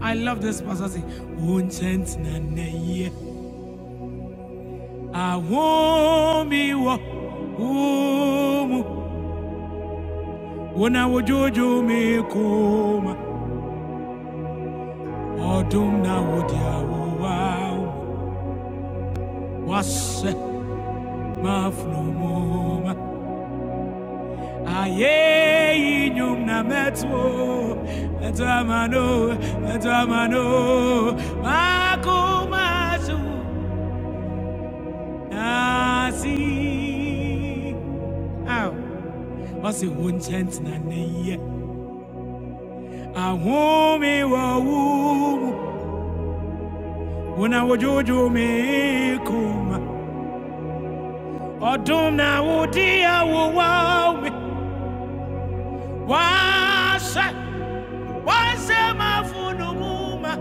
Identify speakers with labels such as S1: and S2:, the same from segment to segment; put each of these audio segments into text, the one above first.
S1: I love this passage. Unchent na neye. Awomi wo. Umu. Wona wojojo kuma. Odum na wodia wowa. Was mafno moma. Aye inyum na metwo. Metwa Nazi. Ow. What's the one chant na neye? A woman wa woo. Una wojojo me kuma. Odum na wodi a wo wa me. Wasa. Wasa ma funu muma.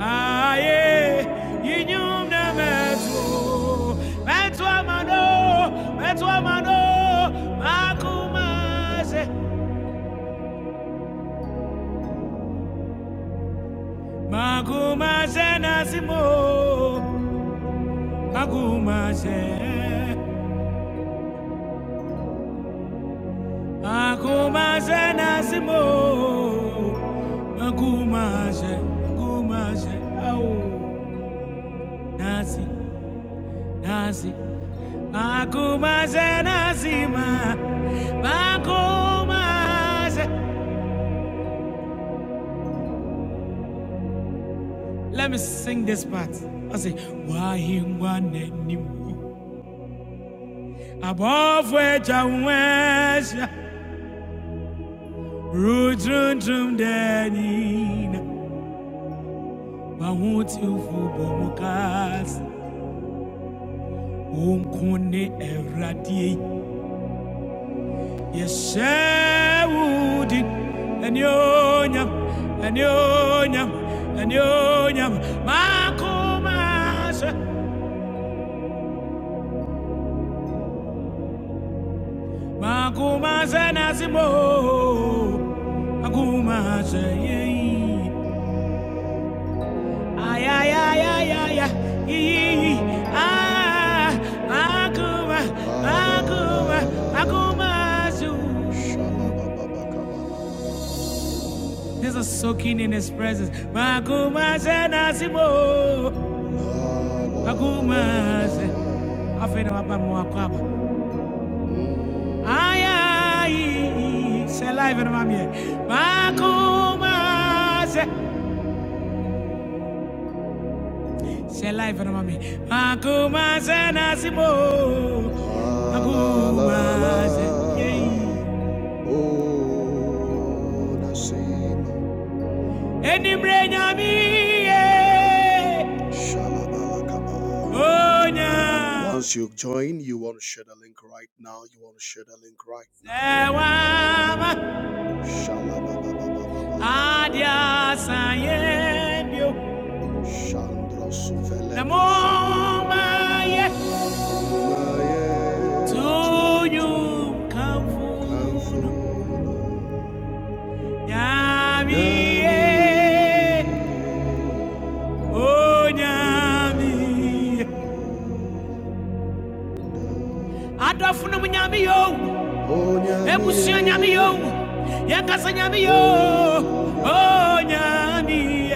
S1: Aye. Yinyum na metu. Metu amano. Metu amano. Makuma. Maguma Zenazimo, maguma Magumase Nasimo, Magumase, maguma Nasimo, maguma Magumase, oh, nazi, Nasi, Nasi, Magumase maguma Magumase. Let me sing this part. I say, Why him one anymore? Above where Jawesh. Rujunjumdanin, Wawutifubomukas, Umkuni Erati, Yeshawudi, and Yonyam, and Yonyam, and Yonyam, Makumas, Makumas and Asimo, Makumas, Ay, ay, ay, ay, ay, ay. Yee, yee, yee. Ah, Akuma, Akuma, Akuma Zoo. This is soaking in his presence. Makuma Senasimo. Makuma se- Afena wapa mwakwaba. Ay, ay, Saliva na mamie. Makuma Say life and mommy. Akuma senasibo. La la la Akuma la. se. yeah. Oh, Nasimo. Any brain ami. Shalabalakaba. Onya. Once you join, you want to share the link right now. You want to share the link right now. Shalababababababa. Adia sayebio. Shandra The Suvele more my yes to you come full. Nyami eh, oh nyami. Adolfo no nyami yo, ebusia yakasa nyami oh nyami.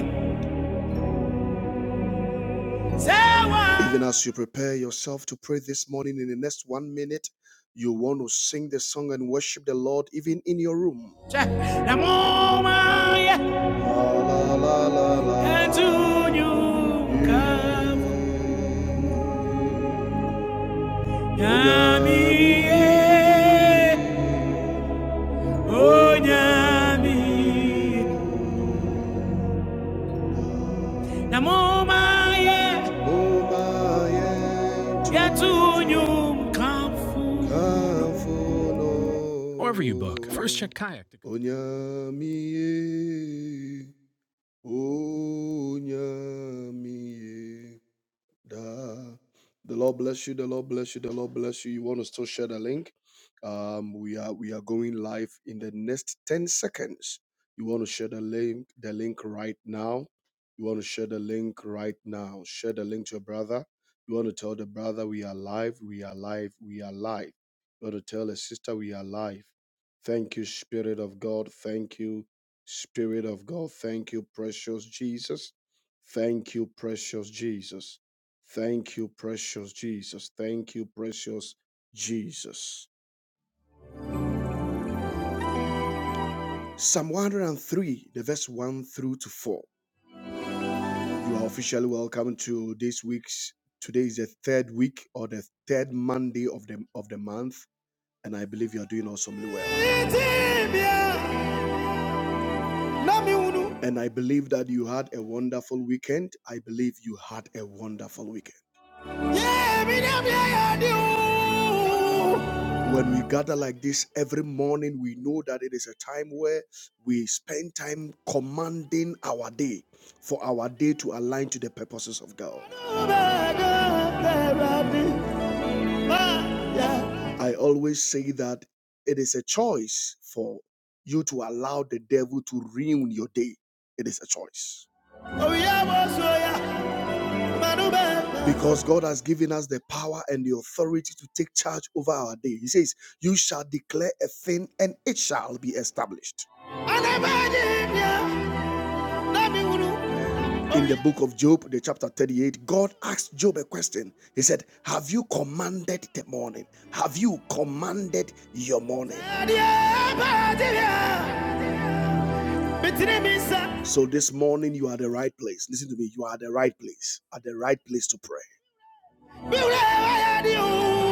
S1: Even as you prepare yourself to pray this morning, in the next one minute, you want to sing the song and worship the Lord even in your room. Namo Maye umaye Yatunyu Mkamfu. kamfuno However you book, first check kayak. onyamiye onyamiye Da. The Lord bless you. The Lord bless you. The Lord bless you. You want to still share the link? Um, we are we are going live in the next ten seconds. You want to share the link? The link right now. You want to share the link right now. Share the link to your brother. You want to tell the brother we are live. We are live. We are live. You want to tell a sister we are live. Thank you, Spirit of God. Thank you, Spirit of God. Thank you, precious Jesus. Thank you, precious Jesus. Thank you, precious Jesus. Thank you, precious Jesus. Psalm 103, the verse 1 through to 4. You are officially welcome to this week's. Today is the third week or the third Monday of the of the month, and I believe you are doing awesomely well. And I believe that you had a wonderful weekend. I believe you had a wonderful weekend. When we gather like this every morning, we know that it is a time where we spend time commanding our day for our day to align to the purposes of God. I always say that it is a choice for you to allow the devil to ruin your day. It is a choice. Because God has given us the power and the authority to take charge over our day. He says, You shall declare a thing and it shall be established in the book of Job, the chapter 38, God asked Job a question. He said, Have you commanded the morning? Have you commanded your morning? So this morning, you are at the right place. Listen to me. You are at the right place, at the right place to pray.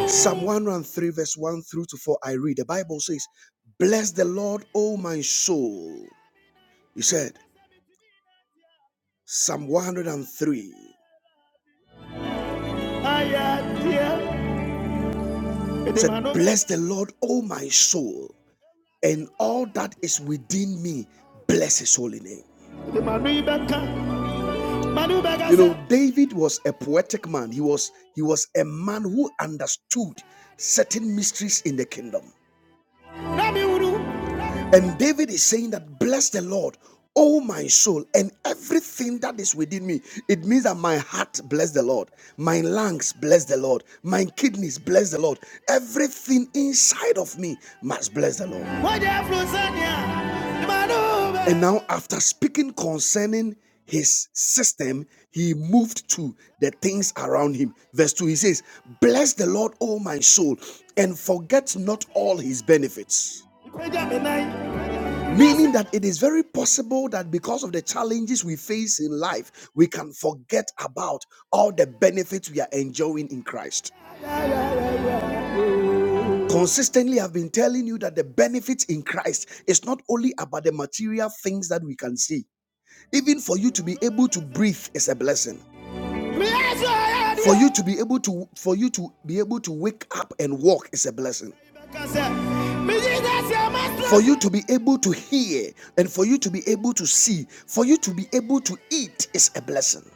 S1: Psalm 103, verse 1 through to 4, I read. The Bible says, Bless the Lord, O my soul. He said, Psalm 103. It said, Bless the Lord, O my soul, and all that is within me, bless his holy name. You know, David was a poetic man. He was he was a man who understood certain mysteries in the kingdom. And David is saying that, Bless the Lord, O my soul, and everything that is within me. It means that my heart bless the Lord, my lungs bless the Lord, my kidneys bless the Lord. Everything inside of me must bless the Lord. And now, after speaking concerning his system, he moved to the things around him. Verse 2, he says, Bless the Lord, O my soul, and forget not all his benefits. Meaning that it is very possible that because of the challenges we face in life, we can forget about all the benefits we are enjoying in Christ. Consistently, I've been telling you that the benefits in Christ is not only about the material things that we can see. Even for you to be able to breathe is a blessing. For you to be able to for you to be able to wake up and walk is a blessing. For you to be able to hear and for you to be able to see, for you to be able to eat is a blessing.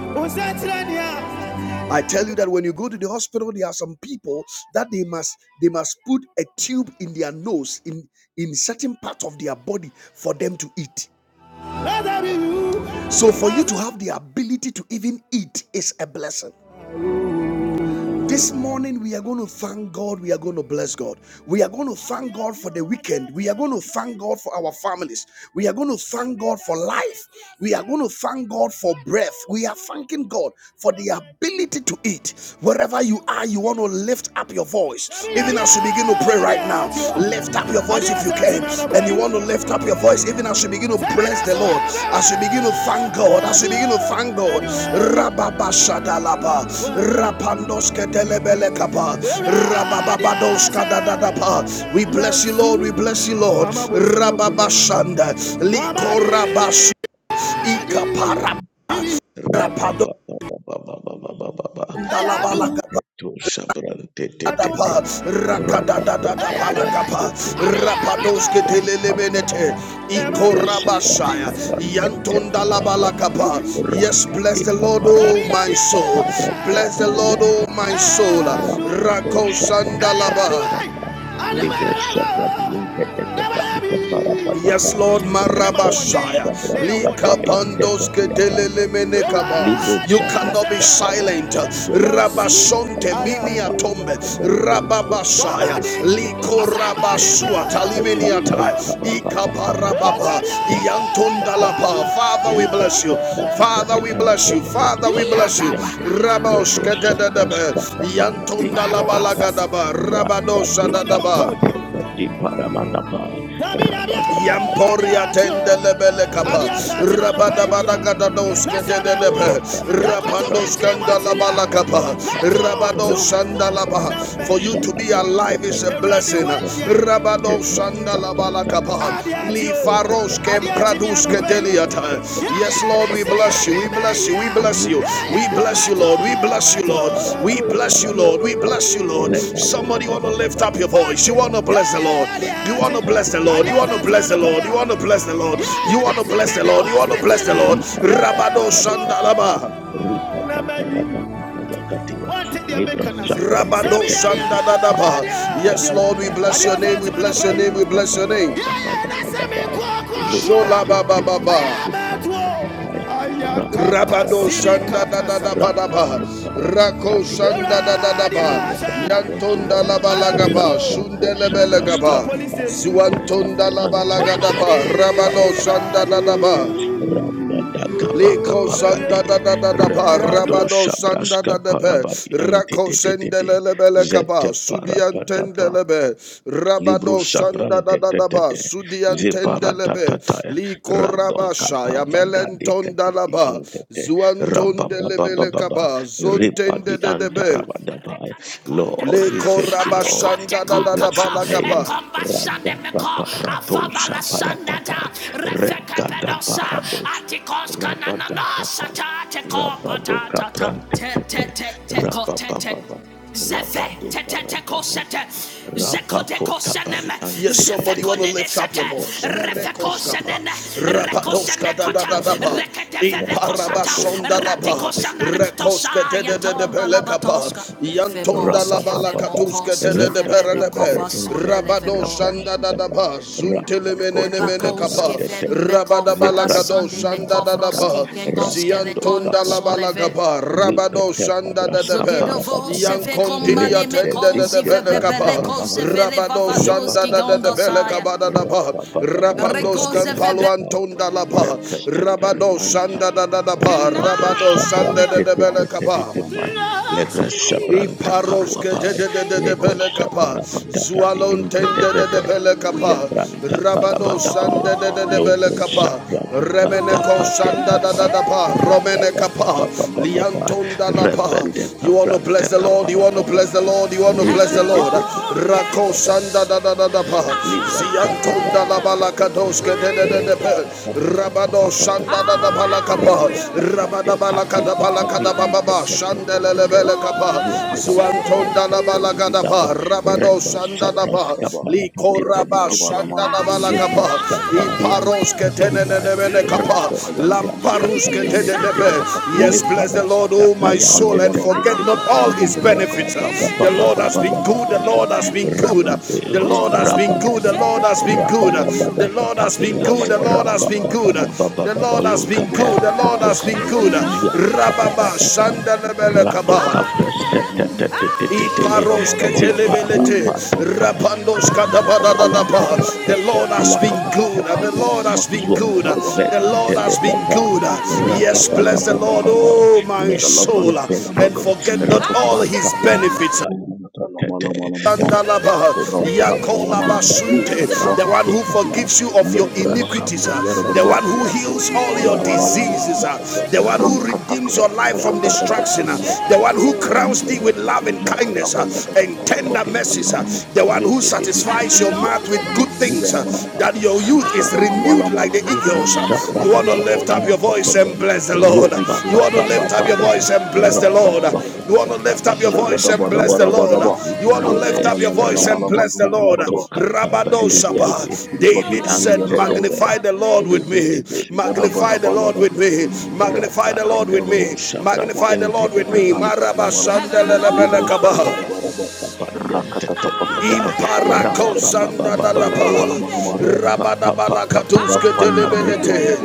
S1: I tell you that when you go to the hospital, there are some people that they must they must put a tube in their nose in in certain part of their body for them to eat. So, for you to have the ability to even eat is a blessing. This morning, we are going to thank God. We are going to bless God. We are going to thank God for the weekend. We are going to thank God for our families. We are going to thank God for life. We are going to thank God for breath. We are thanking God for the ability to eat. Wherever you are, you want to lift up your voice. Even as you begin to pray right now, lift up your voice if you can and you want to lift up your voice even as you begin to bless the lord as you begin to thank god as you begin to thank god Rababashadalaba, Rapandosketelebelekapa, Rabababadoskadadadapa. we bless you lord we bless you lord rababashanda likorabash
S2: Shit.
S1: ikaparapado
S2: Rabba Rabba
S1: Thank you, Adapa, rakadadadadabalakapa, rapadoske telelemenete, ikorabashaya, yantondalabalakapa. Yes, bless the Lord, oh my soul. Bless the Lord, oh my soul. Rakosanda Rakosandalaba. Yes, Lord Marabashaya.
S2: Shabras Papa yang
S1: Likabandos
S2: terketiata Libro
S1: kedelelemenekaba. You
S2: Shabra
S1: cannot be
S2: Sakaya,
S1: silent.
S2: the the Deepa
S1: Rabashonte minia
S2: Papa,
S1: tombe.
S2: Rando Sobus
S1: Rababashaya.
S2: Kete, the
S1: Likorabasua
S2: Deepa Papa,
S1: taliminiata.
S2: Parapata Payapa,
S1: Ikabarababa.
S2: Rapapapa,
S1: Iantondalaba. Father, we
S2: Lipa
S1: bless you.
S2: Shabra
S1: Father, we
S2: Vitarian,
S1: bless you.
S2: the Body
S1: Father, we
S2: Papa
S1: bless you.
S2: Diante,
S1: Rabosh
S2: Libro Shabra
S1: kedededebe.
S2: Skapa, Tin Parata,
S1: Iantondalabalagada.
S2: Randa
S1: Rabadosa
S2: Deepa,
S1: dadaba.
S2: the Deepa Ramanapa, Rababa.
S1: Yamporia tendelebele kapa
S2: Rabado
S1: rabada
S2: Sabrasta
S1: badagada doske
S2: Grande,
S1: tendelebe
S2: Rabado
S1: rapando
S2: Capranta
S1: skandala
S2: Candida
S1: kapa
S2: Rabadabada,
S1: rabado sandala
S2: Rabadabadabado
S1: for you to be
S2: Shagabrasta
S1: alive is a blessing
S2: Catinunte Pepe,
S1: rabado
S2: Zebra
S1: sandala
S2: Sapra
S1: bala
S2: Sata
S1: kapa
S2: Tiputa
S1: li
S2: Dipunta
S1: faros ke
S2: Pepe,
S1: praduske
S2: Vila
S1: ten
S2: Divanta
S1: Yes,
S2: Diputa
S1: Lord, we
S2: Data
S1: bless you. We
S2: Parapata,
S1: bless you. We bless you.
S2: Ruki
S1: We
S2: Pepe
S1: bless you, Lord. We
S2: Pepe,
S1: bless you, Lord. We
S2: Zeparapata
S1: bless you, Lord. We
S2: Parapata,
S1: bless you, Lord. Somebody want to lift up
S2: Rebabababababa,
S1: your voice. You want to bless
S2: Rabado
S1: the Lord. You
S2: Capranta
S1: want to bless the Lord. You want
S2: Candida
S1: to bless the Lord. You want to bless the Lord. You want to bless the Lord. You want to bless the Lord. Rabado Shandalaba. Rabado Shandadadaba. Yes, Lord, we bless your name, we bless your name, we bless your name. Shola Baba Baba Rabado Shanda da da da ba da ba. Rako Shanda da da da ba.
S2: Thank you,
S1: Yantonda
S2: Lord.
S1: la ba la ga ba.
S2: Rabba
S1: Shundele
S2: Posha
S1: be la ga
S2: Brasta
S1: ba.
S2: Papa. Rebadi
S1: Ziwantonda la ba la
S2: ante
S1: ga da ba.
S2: libradi anta
S1: Rabado
S2: rabadi
S1: Shanda da da
S2: ante
S1: ba.
S2: rabada gabaka
S1: Liko
S2: bagade
S1: sanda da da da da pa
S2: rebado
S1: rabado sanda
S2: shabraska
S1: da da pe
S2: parabadi ante
S1: rako
S2: te te te
S1: sende
S2: te
S1: bele
S2: zete
S1: kaba sudian
S2: parapata
S1: tende
S2: Libro
S1: rabado sanda da da
S2: shaprante
S1: da pa
S2: tetete
S1: sudian tende
S2: viparatatata
S1: liko
S2: rado
S1: rabasha ya
S2: kapava gade
S1: melenton da la
S2: katadi
S1: ba
S2: antete
S1: zuan ton de
S2: rabababababa
S1: kaba zon
S2: Ripadi di
S1: de de be
S2: antarabadabaya. Lord,
S1: Le Atekonte
S2: we thank you, Lord.
S1: korabashanda da
S2: We
S1: da da konkaka,
S2: bless your
S1: balagaba.
S2: name.
S1: ekombashande meko,
S2: Rabakaparato
S1: afabala sandata,
S2: shaparatata
S1: refekepedosa,
S2: regadaparados
S1: atikos kanananos,
S2: rabadakapa
S1: atateko
S2: rabadoka
S1: ta
S2: prante
S1: te te
S2: tete
S1: te te ko te te.
S2: rababababa
S1: Zefe te te te ko
S2: rabade
S1: sete. Yes,
S2: Rabakota bari
S1: somebody want
S2: anteketete.
S1: to lift up your voice.
S2: Zabrantata rabakate parado. Rababako sabrante. tete Rabba
S1: Rabado Shanda Dadaba, Zuntelemene Menekapa, dabada balakado Kovadasunde shanda dadaba Lekovroski Kengoskele ziantonda Kondosoleve. labalagaba rabado sanda dadebe Zogedovo seve yankondinia komane me tende konzive dadebe bebele kaba koze vele rabado shanda vavadoski dadebe gondosaya. lekaba dadaba
S3: Thank
S1: rapandos Rekoze vebe. kampalo antonda laba rabado
S2: Repeteperianta,
S1: shanda dadaba And
S2: Rabado
S1: rabado sanda shanda will
S2: Shabrante
S1: dadebe lekaba
S2: Tepetepedipai, Legra Shabranta
S1: Iparoske de
S2: Paruapai,
S1: de de de
S2: Legra
S1: bele kapa.
S2: Shaparabadapadi
S1: Zualon ten de de
S2: Impetepede,
S1: bele kapa.
S2: Zebranta
S1: Rabado san
S2: Parabadabai,
S1: de de de bele
S2: Logo
S1: kapa.
S2: Shabradi
S1: Remene ko
S2: Padapate
S1: da da
S2: Papa,
S1: da pa. Romene kapa.
S2: Rabababababababa,
S1: Lianton da la pa.
S2: Rebede
S1: You want to
S2: Capranta
S1: bless the Lord. You want to bless the
S2: Caparabadapa,
S1: Lord. You want to bless the Lord.
S2: Ribede
S1: Rako san da da da da pa.
S2: Libra Santa
S1: Zianton da la
S2: Rantetta
S1: bala
S2: to me,
S1: de de de
S2: Rapa
S1: pe.
S2: Papa
S1: Rabado
S2: Papa
S1: san da da da
S2: Papa, Rambo
S3: you.
S2: Papa,
S1: Rabada
S2: the
S1: bala
S2: Katit
S1: kada bala
S2: Napari
S1: kada
S2: and
S1: baba ba.
S3: Ayala wala
S2: Tetta,
S3: mandiya
S1: Gadapa,
S3: makapaya
S2: Zuapa
S3: da baraba.
S1: Zuantonda la
S2: Pantetta
S3: Rekuru
S2: Vidal,
S1: Balagadapa,
S3: bukuru
S1: Rabado
S3: biya
S2: Rebo
S3: makapaya da
S2: Sapras
S1: Sandalapa,
S3: baraba.
S2: Capara
S3: Rekaya da
S1: Likoraba
S3: baraba la
S2: Patipedikipe,
S3: mana manduriya
S2: Zupras
S1: Sandalabalagapa,
S3: makapaya la mana.
S2: Caparian
S1: Iparos
S2: Papa
S3: Kishiri
S2: Papa,
S3: bukuru biya
S1: Ketenenenemenekapa,
S2: Rado
S3: makapaya la mana.
S2: Tapras
S1: Lamparus
S2: Cata de
S3: Sidiyan
S2: de de
S3: kata
S2: de.
S1: Ketenenepe.
S3: kapa
S1: Yes,
S3: katur la
S1: bless the
S3: baraba.
S2: Zepara
S1: Lord, oh my
S2: Patapayan
S3: Rikala
S1: soul, and
S2: Tetta
S3: wala
S1: forget
S3: mala
S1: not
S2: Pikipa,
S1: all his
S3: katuriyan kata
S2: Rabba
S1: benefits.
S3: kapa kala
S2: Baba
S1: The
S3: mala
S2: Baba
S1: Lord has
S2: Baba
S1: been
S3: gaturiya
S2: Baba
S1: good,
S3: makala
S1: the
S2: Baba
S3: wala
S1: Lord has
S3: mana.
S1: been good,
S3: Rampa
S2: Rapa
S1: the
S3: papa la
S1: Lord
S3: mana
S1: has been good,
S3: manduriya
S1: the Lord
S3: makapaya
S1: has
S3: karba
S1: been
S3: kala
S1: good,
S3: wala mana.
S1: the Lord has been
S3: Jayala
S1: good, the
S3: wala
S1: Lord
S3: mala
S1: has been
S3: mala mana.
S1: good, the Lord has
S3: Ele
S1: been
S3: bobo
S1: good, the
S3: kurudu
S1: Lord
S3: wala
S1: has been
S3: kala wala
S1: good.
S3: mana ma zabandi
S1: Rababa
S3: akama kurudu akata kapa
S1: Sandalabelekaba.
S3: kapa wala mana ma shaya daba
S1: Iparos
S3: daba daba duri ya
S1: kedelebelete,
S3: daba
S1: rapandos
S3: rampa papa lama
S1: kadabadadadaba.
S3: lama lama
S1: The Lord has
S3: wala
S1: been
S3: kata kata
S1: good. The
S3: kaluri
S1: Lord
S3: ya
S1: has been
S3: makajan
S1: good.
S3: daba daba
S1: The Lord has
S3: ele
S1: been
S3: bobo
S1: good.
S3: papa
S1: Yes,
S3: ya
S1: bless
S3: lama
S1: the
S3: lama
S1: Lord,
S3: lama
S1: oh my
S3: dala
S1: soul,
S3: fasa kata
S1: and
S3: baka
S1: forget
S3: turi ya
S1: not
S3: kata
S1: all
S3: kapa
S1: his
S3: kala mala
S1: benefits
S3: katuri ya kala mala mala mala
S2: Rabba kota
S3: rampa papa
S2: pava
S3: lama lama
S2: libra
S3: duri
S2: di
S3: ya ba
S1: the
S2: parapa
S1: one
S2: te
S1: who
S3: कर
S2: papa
S1: forgives you of
S3: दोर
S1: your
S2: lobra
S3: गubenा रब रभा कर दो कर
S1: iniquities, uh,
S2: shabra
S3: दोर या रवा
S1: the
S3: रभा
S2: skata
S1: one who
S3: कि
S2: dianta
S3: ऐय
S1: heals all your
S2: rabba bota
S1: diseases,
S2: te
S1: uh, the
S2: te
S1: one
S2: te
S1: who
S2: te
S1: redeems your life
S2: randa
S1: from
S3: कर दोर अर नुट कर
S2: da
S3: दो
S2: ba
S1: destruction, uh,
S3: Tori hug
S2: rabba
S1: the
S3: कर
S2: da
S1: one
S2: ba
S3: दो
S1: who
S3: कर
S1: crowns
S3: दो
S1: thee with
S2: rabba
S1: love and
S3: determinarta
S2: shabra
S1: kindness uh,
S3: रभा रभा
S2: da pa
S1: and
S2: pa
S3: raw
S2: ta
S3: долго
S1: tender
S2: te ta
S3: कर
S1: mercies,
S2: pa
S1: uh, the one
S2: re
S1: who
S2: de de de
S3: दोर
S2: de
S1: satisfies
S2: de
S3: चाँ
S1: your
S2: de de
S1: mouth with good
S2: di
S1: things, uh,
S3: रभा रभा죠 कर
S2: para
S3: दोर
S2: pa
S1: that
S2: ta
S1: your
S2: pa ta
S1: youth
S2: pa
S3: च
S1: is
S2: ta pa
S1: renewed like the
S2: libra
S1: eagles.
S2: shabra
S1: uh. You
S2: da
S1: want to
S2: ba di
S1: lift up your
S2: anta te
S1: voice
S2: te
S1: and bless the Lord.
S2: roba
S1: You
S2: ba
S1: want to
S2: ba ba
S1: lift up
S2: ba
S1: your
S2: da
S1: voice and bless the
S2: rabba
S1: Lord.
S2: da da
S1: You want
S2: da
S1: to
S2: ba
S1: lift
S2: da
S1: up your
S2: ba
S1: voice and
S3: रभा
S1: bless the
S3: good
S2: Lord,
S1: Lord.
S2: we give
S1: You
S2: you
S1: want to lift
S2: glory.
S1: up your voice and bless the Lord.
S2: Radaparato kapabadadabi.
S1: Rabadosaba.
S3: रभा
S1: David
S3: कर
S1: said,
S3: दोर या रभा
S1: Magnify
S2: Jiantadebe.
S1: the Lord with me.
S2: Ribedebe.
S3: Rankada
S1: Magnify the Lord with
S2: Antadadadada.
S1: me. Magnify the Lord with
S2: Rabarekato
S1: me.
S2: shabrabu.
S1: Magnify the Lord with me.
S2: Libro
S1: Marabashandelelebelekaba.
S2: Sapadiantai Rapa
S1: Imparako
S2: Baba
S1: sanda
S2: Baba
S1: da
S2: Baba
S1: da ba.
S2: Rapa
S1: Rabada
S2: Papa Papaya
S1: balakatuske
S2: Agede
S1: telebelete.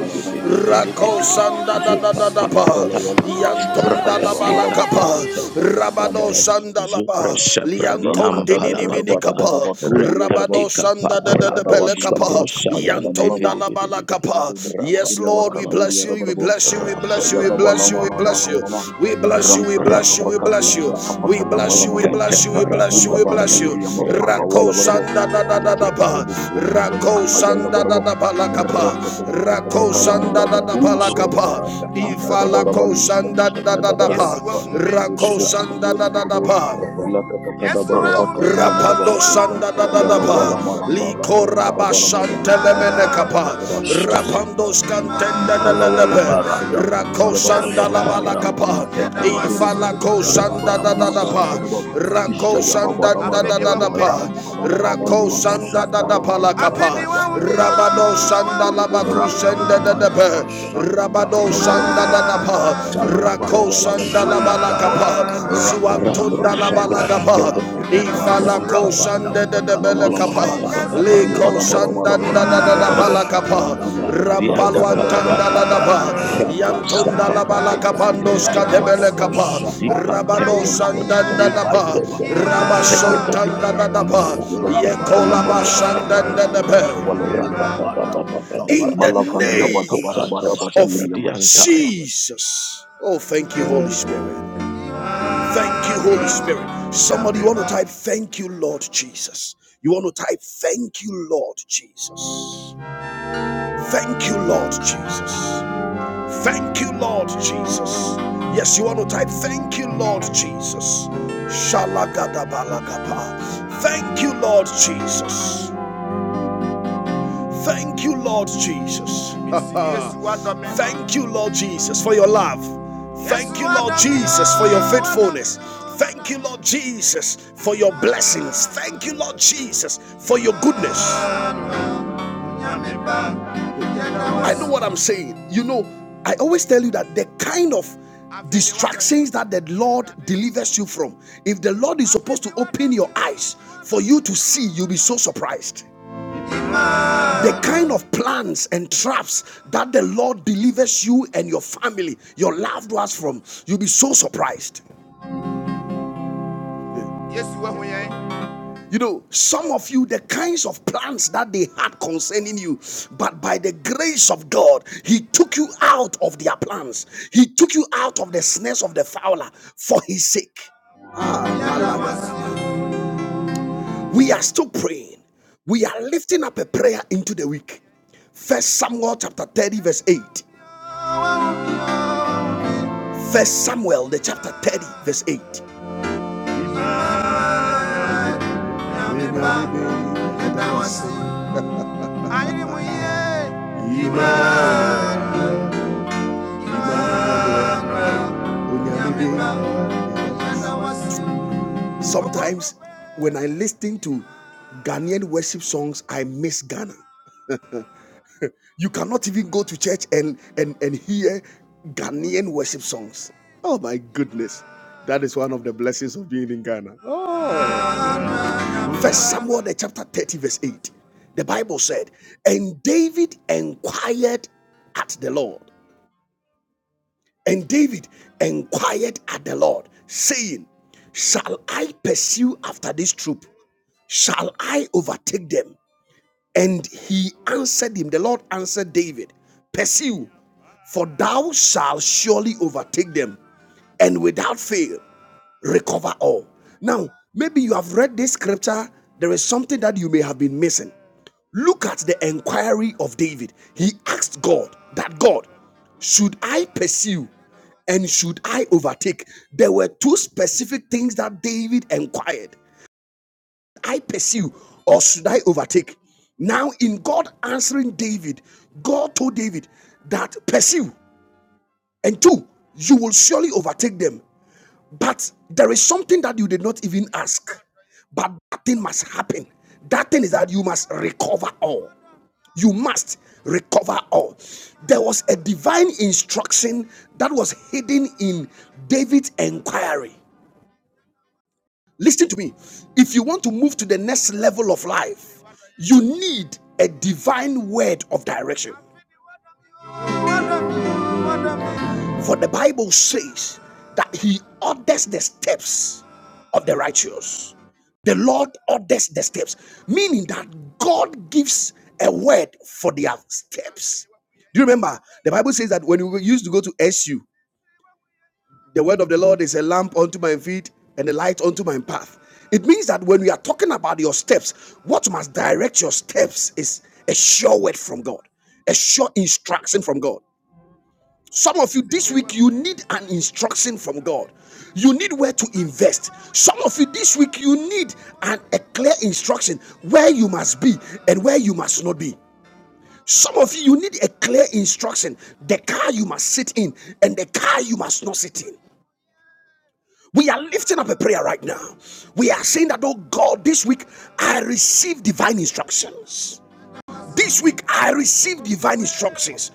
S1: Rako sanda da da
S2: Zupa
S1: da da
S2: Papa
S1: ba.
S2: Tapa
S1: Yantonda la
S2: Rada de
S1: balakapa.
S2: Caprante
S1: Rabado sanda la ba.
S2: Zupre Sapradi
S3: da
S2: Ampara
S1: Liankondinini
S3: da da
S1: mini
S3: ba da
S2: Badaba
S3: ba da
S1: kapa.
S3: ba duriya ba
S2: Reka
S3: da ba
S2: de
S1: Rabado
S2: Capa
S1: sanda da da
S3: faya
S1: da
S3: da
S2: Rado
S3: ba duriya
S2: Sabro
S1: belekapa.
S3: maka faya lama
S2: Sabrante
S3: lama
S1: Yantonda la balakapa.
S2: Rabba
S1: Yes, Lord. Lord,
S2: Baba
S1: we
S2: Baba
S3: Kaluri
S1: bless you, we
S3: Rabarabo
S1: bless you, we
S2: Rabba
S1: bless you, we
S3: Shayadaba
S1: bless you,
S3: Lama
S1: we
S3: Lama
S1: bless
S3: Lama
S1: you.
S3: Lama
S1: We
S2: Dabba
S1: bless you, we
S3: Rankata
S1: bless you, we bless you.
S2: Rabadakapa,
S3: Kapakaturia
S1: We
S3: Kapaka Lama
S1: bless you,
S3: Lama
S1: we
S3: Lama
S1: bless you,
S2: Rekatapa
S1: we bless you,
S3: Dila
S1: we
S2: Rabadabaya,
S1: bless you.
S3: Vanduri Yama Palawa
S1: Rako
S2: Regabadia,
S3: Labarabo
S1: sanda da da da da
S2: Rekatu,
S1: ba.
S3: Jedabubu Kuruburi Yaba
S1: Rako
S2: Rekabia,
S3: Kapaya
S1: sanda da
S3: Labarabo
S1: da ba la kapa.
S3: Rakata Kapakata
S1: Rako
S3: Kalama
S1: sanda da da ba
S3: Lagaturi
S1: la
S3: Yabarabo
S1: kapa. Ifa
S3: Rankadabaraba Luri Yama
S1: sanda da da da
S3: Shayadabarabo
S1: ba. Rako
S3: Kurubu
S2: Rabba
S1: sanda
S3: Kurubu
S1: da da da
S3: Kurubu
S1: ba.
S3: Bulaka Kakadabaraba Turi Yamaraba
S1: Rapando sanda da da da
S3: Yayala
S1: ba,
S3: Wala Malama
S1: liko raba
S3: Rankadabarama
S1: shante
S3: Luri Yama
S1: lemene
S3: Malaba
S1: kapa, rapando skante
S3: ji
S1: da da
S3: Kalla
S1: da da
S3: वाला
S1: ba,
S3: कत्ता कत्ता
S1: rako
S3: Luria बा कल्ला
S1: sanda la
S3: वाला
S1: ba la
S3: मनमनमां
S1: kapa,
S3: तेरे
S1: ifa
S3: बबू
S1: la ko
S3: कोरू बने बा
S1: sanda da da da
S3: कलूरिया ना
S1: ba,
S3: बरबा बिश्चा
S1: rako
S3: या बा
S1: sanda da
S3: बादा
S1: da
S3: बारा
S1: da da
S3: बरबा
S1: ba,
S3: रंपा ला माला
S1: rako
S3: मालूरिया
S1: sanda
S3: माला
S1: da da
S3: माला
S1: ba
S3: माला
S1: la
S3: मालूरिया
S1: kapa,
S3: मत जा रे बरबा
S1: rabado sanda
S3: तेरे
S1: la ba
S3: बबू
S1: ku
S3: कोरू बने
S1: sanda
S3: बा
S1: da da
S3: कत्ता
S1: ba,
S3: कत्ता कल्ला जमे
S1: rabado
S3: कल्ला
S2: the
S3: वाला
S1: sanda
S3: मनमां
S1: da Balakapa,
S3: रंपा ला जा
S1: Rakosanda la balakapa,
S2: Rado
S1: Suantunda la
S2: Shabran
S1: Labalagapa,
S2: Tedepidi
S1: Ifalako
S2: Ampara
S1: Shanda de
S2: Ruba
S1: Belekapa,
S2: Baba Baba Badu
S1: Liko
S2: Ampara
S3: बा
S1: Shanda da da
S2: Zia Papa
S1: Balakapa,
S3: ला बा
S1: Rampaluantanda da da
S2: Ziatapalapatapa,
S1: ba,
S2: Rapo
S1: la
S2: Sapa Bandeta,
S3: लूरि�
S1: Labalakapandoska de
S3: لا ما
S2: Grasatatate,
S3: لا ما
S1: Belekapa,
S3: لا ما لا
S1: Rabado
S2: Zipantati,
S3: والله لا ما لا ما
S1: Shanda da
S2: Grasata,
S1: da
S3: ربي
S1: ba,
S2: Eberia
S3: يحبه بور
S2: Pati,
S3: بور بور بور
S2: Pedetate,
S3: بور
S1: Rabasontanda
S3: بور
S1: da da ba,
S2: Mata
S3: لا
S2: Pata
S3: قت
S2: Pati,
S3: لا ما
S1: Yekolaba
S3: لا
S2: Kepen
S3: قت ما
S1: Shanda da da
S3: ينتمي
S2: Petatiata,
S3: الله
S1: ba
S3: ولا ما لا
S2: Rapa Papa Papa Papa
S1: in
S3: ما
S1: the
S2: Papa,
S3: لا
S2: Reco
S1: name
S2: Papa
S3: فندبادبادبادبادبادور
S1: of
S2: Sapra
S3: يا ما شجع
S2: Diantaya,
S1: Jesus. Oh, thank you, Holy Spirit. Thank you, Holy Spirit. Somebody, you want to type, Thank you, Lord Jesus. You want to type, Thank you, Lord Jesus. Thank you, Lord Jesus. Thank you, Lord Jesus. Yes, you want to type, Thank you, Lord Jesus. Shalagadabalagapa. Thank you, Lord Jesus. Thank you, Lord Jesus. Thank you, Lord Jesus, for your love. Thank you, Lord Jesus, for your faithfulness. Thank you, Lord Jesus, for your blessings. Thank you, Lord Jesus, for your goodness. I know what I'm saying. You know, I always tell you that the kind of distractions that the Lord delivers you from, if the Lord is supposed to open your eyes for you to see, you'll be so surprised. The kind of plans and traps that the Lord delivers you and your family, your loved ones from, you'll be so surprised. yesu You know, some of you, the kinds of plans that they had concerning you, but by the grace of God, He took you out of their plans. He took you out of the snares of the fowler for His sake. We are still praying. We are lifting up a prayer into the week. First Samuel chapter 30, verse 8. First Samuel, the chapter 30, verse 8. Sometimes when I listen to Ghanaian worship songs, I miss Ghana. You cannot even go to church and, and, and hear Ghanaian worship songs. Oh my goodness. That is one of the blessings of being in Ghana. First Samuel the chapter 30, verse 8. The Bible said, And David inquired at the Lord. And David inquired at the Lord, saying, Shall I pursue after this troop? Shall I overtake them? And he answered him, The Lord answered David, Pursue, for thou shalt surely overtake them, and without fail recover all. Now, maybe you have read this scripture, there is something that you may have been missing. Look at the inquiry of David. He asked God that God, should I pursue and should I overtake? There were two specific things that David inquired I pursue or should I overtake? Now, in God answering David, God told David that pursue, and two, you will surely overtake them. But there is something that you did not even ask. But that thing must happen. That thing is that you must recover all. You must recover all. There was a divine instruction that was hidden in David's inquiry. Listen to me. If you want to move to the next level of life, you need a divine word of direction. For the Bible says that he orders the steps of the righteous. The Lord orders the steps, meaning that God gives a word for their steps. Do you remember? The Bible says that when we used to go to SU, the word of the Lord is a lamp unto my feet and a light unto my path. It means that when we are talking about your steps, what must direct your steps is a sure word from God, a sure instruction from God. Some of you this week, you need an instruction from God. You need where to invest. Some of you this week, you need an, a clear instruction where you must be and where you must not be. Some of you, you need a clear instruction the car you must sit in and the car you must not sit in. We are lifting up a prayer right now. We are saying that, oh God, this week I receive divine instructions. This week, I receive divine instructions.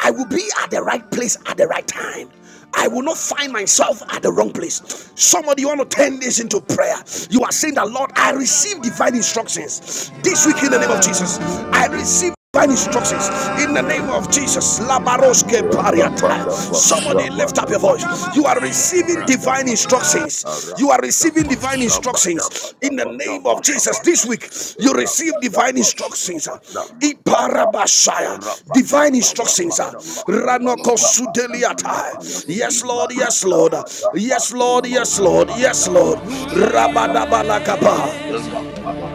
S1: I will be at the right place at the right time. I will not find myself at the wrong place. Somebody, you want to turn this into prayer. You are saying that, Lord, I receive divine instructions this week in the name of Jesus. I receive divine instructions in the name of Jesus. Labaroske pariata. Somebody lift up your voice. You are receiving divine instructions. You are receiving divine instructions in the name of Jesus. This week, you receive divine instructions. Iparabashaya. Divine instructions.
S3: دبادبادبادبادور يا ما الله ولا ما لا ما ربي يان
S1: Ranokosudeliata.
S3: أيا
S1: Yes,
S3: رادبادبادبادبادور
S1: Lord. Yes, Lord. Yes,
S3: يا
S1: Lord.
S3: ما الله
S1: Yes,
S3: ولا ما
S1: Lord.
S3: ربي
S1: Yes,
S3: يان
S1: Lord.
S3: أيا
S1: Rabadabalakaba.
S3: دبادبادباد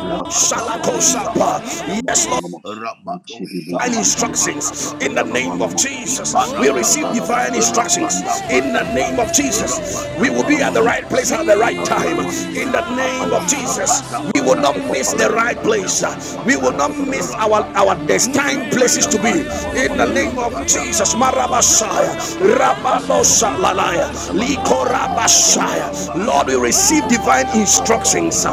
S3: Rakapakatori
S1: Shalakosapa.
S3: yankapaka
S1: Yes, Lord
S3: lamanama. Richidi
S1: divine
S3: budukudi
S1: instructions
S3: yankapakapa
S1: in the name of
S3: yalamanama.
S1: Jesus.
S3: Ishta
S1: We receive
S3: yadabadaba
S1: divine instructions
S3: lamanamanama.
S1: in the
S3: Rikinde
S1: name of
S3: bebekeri
S1: Jesus. We
S3: yamakapa
S1: will be at the
S3: yalamanama.
S1: right place at the right time
S3: Bilavalamani
S1: in the
S3: yakapakapa
S1: name of
S3: yandabaraba.
S1: Jesus. We will not miss
S3: Rampapapa
S1: the right
S3: yalamalama
S1: place.
S3: luri
S1: We
S3: yamaka
S1: will not
S3: yadabaraba.
S1: miss our our destined
S3: Ishta
S1: places to be
S3: yalamalama
S1: in the
S3: luri
S1: name of
S3: yabaraba.
S1: Jesus. Marabashaya,
S3: Kapakakaki yadabaraba. Yanamanama.
S1: Rabadosa Lalaya,
S3: Yalamaluri yamaka
S1: Likorabashaya.
S3: yandabaraba.
S1: Lord, we receive
S3: Rankapa
S1: divine instructions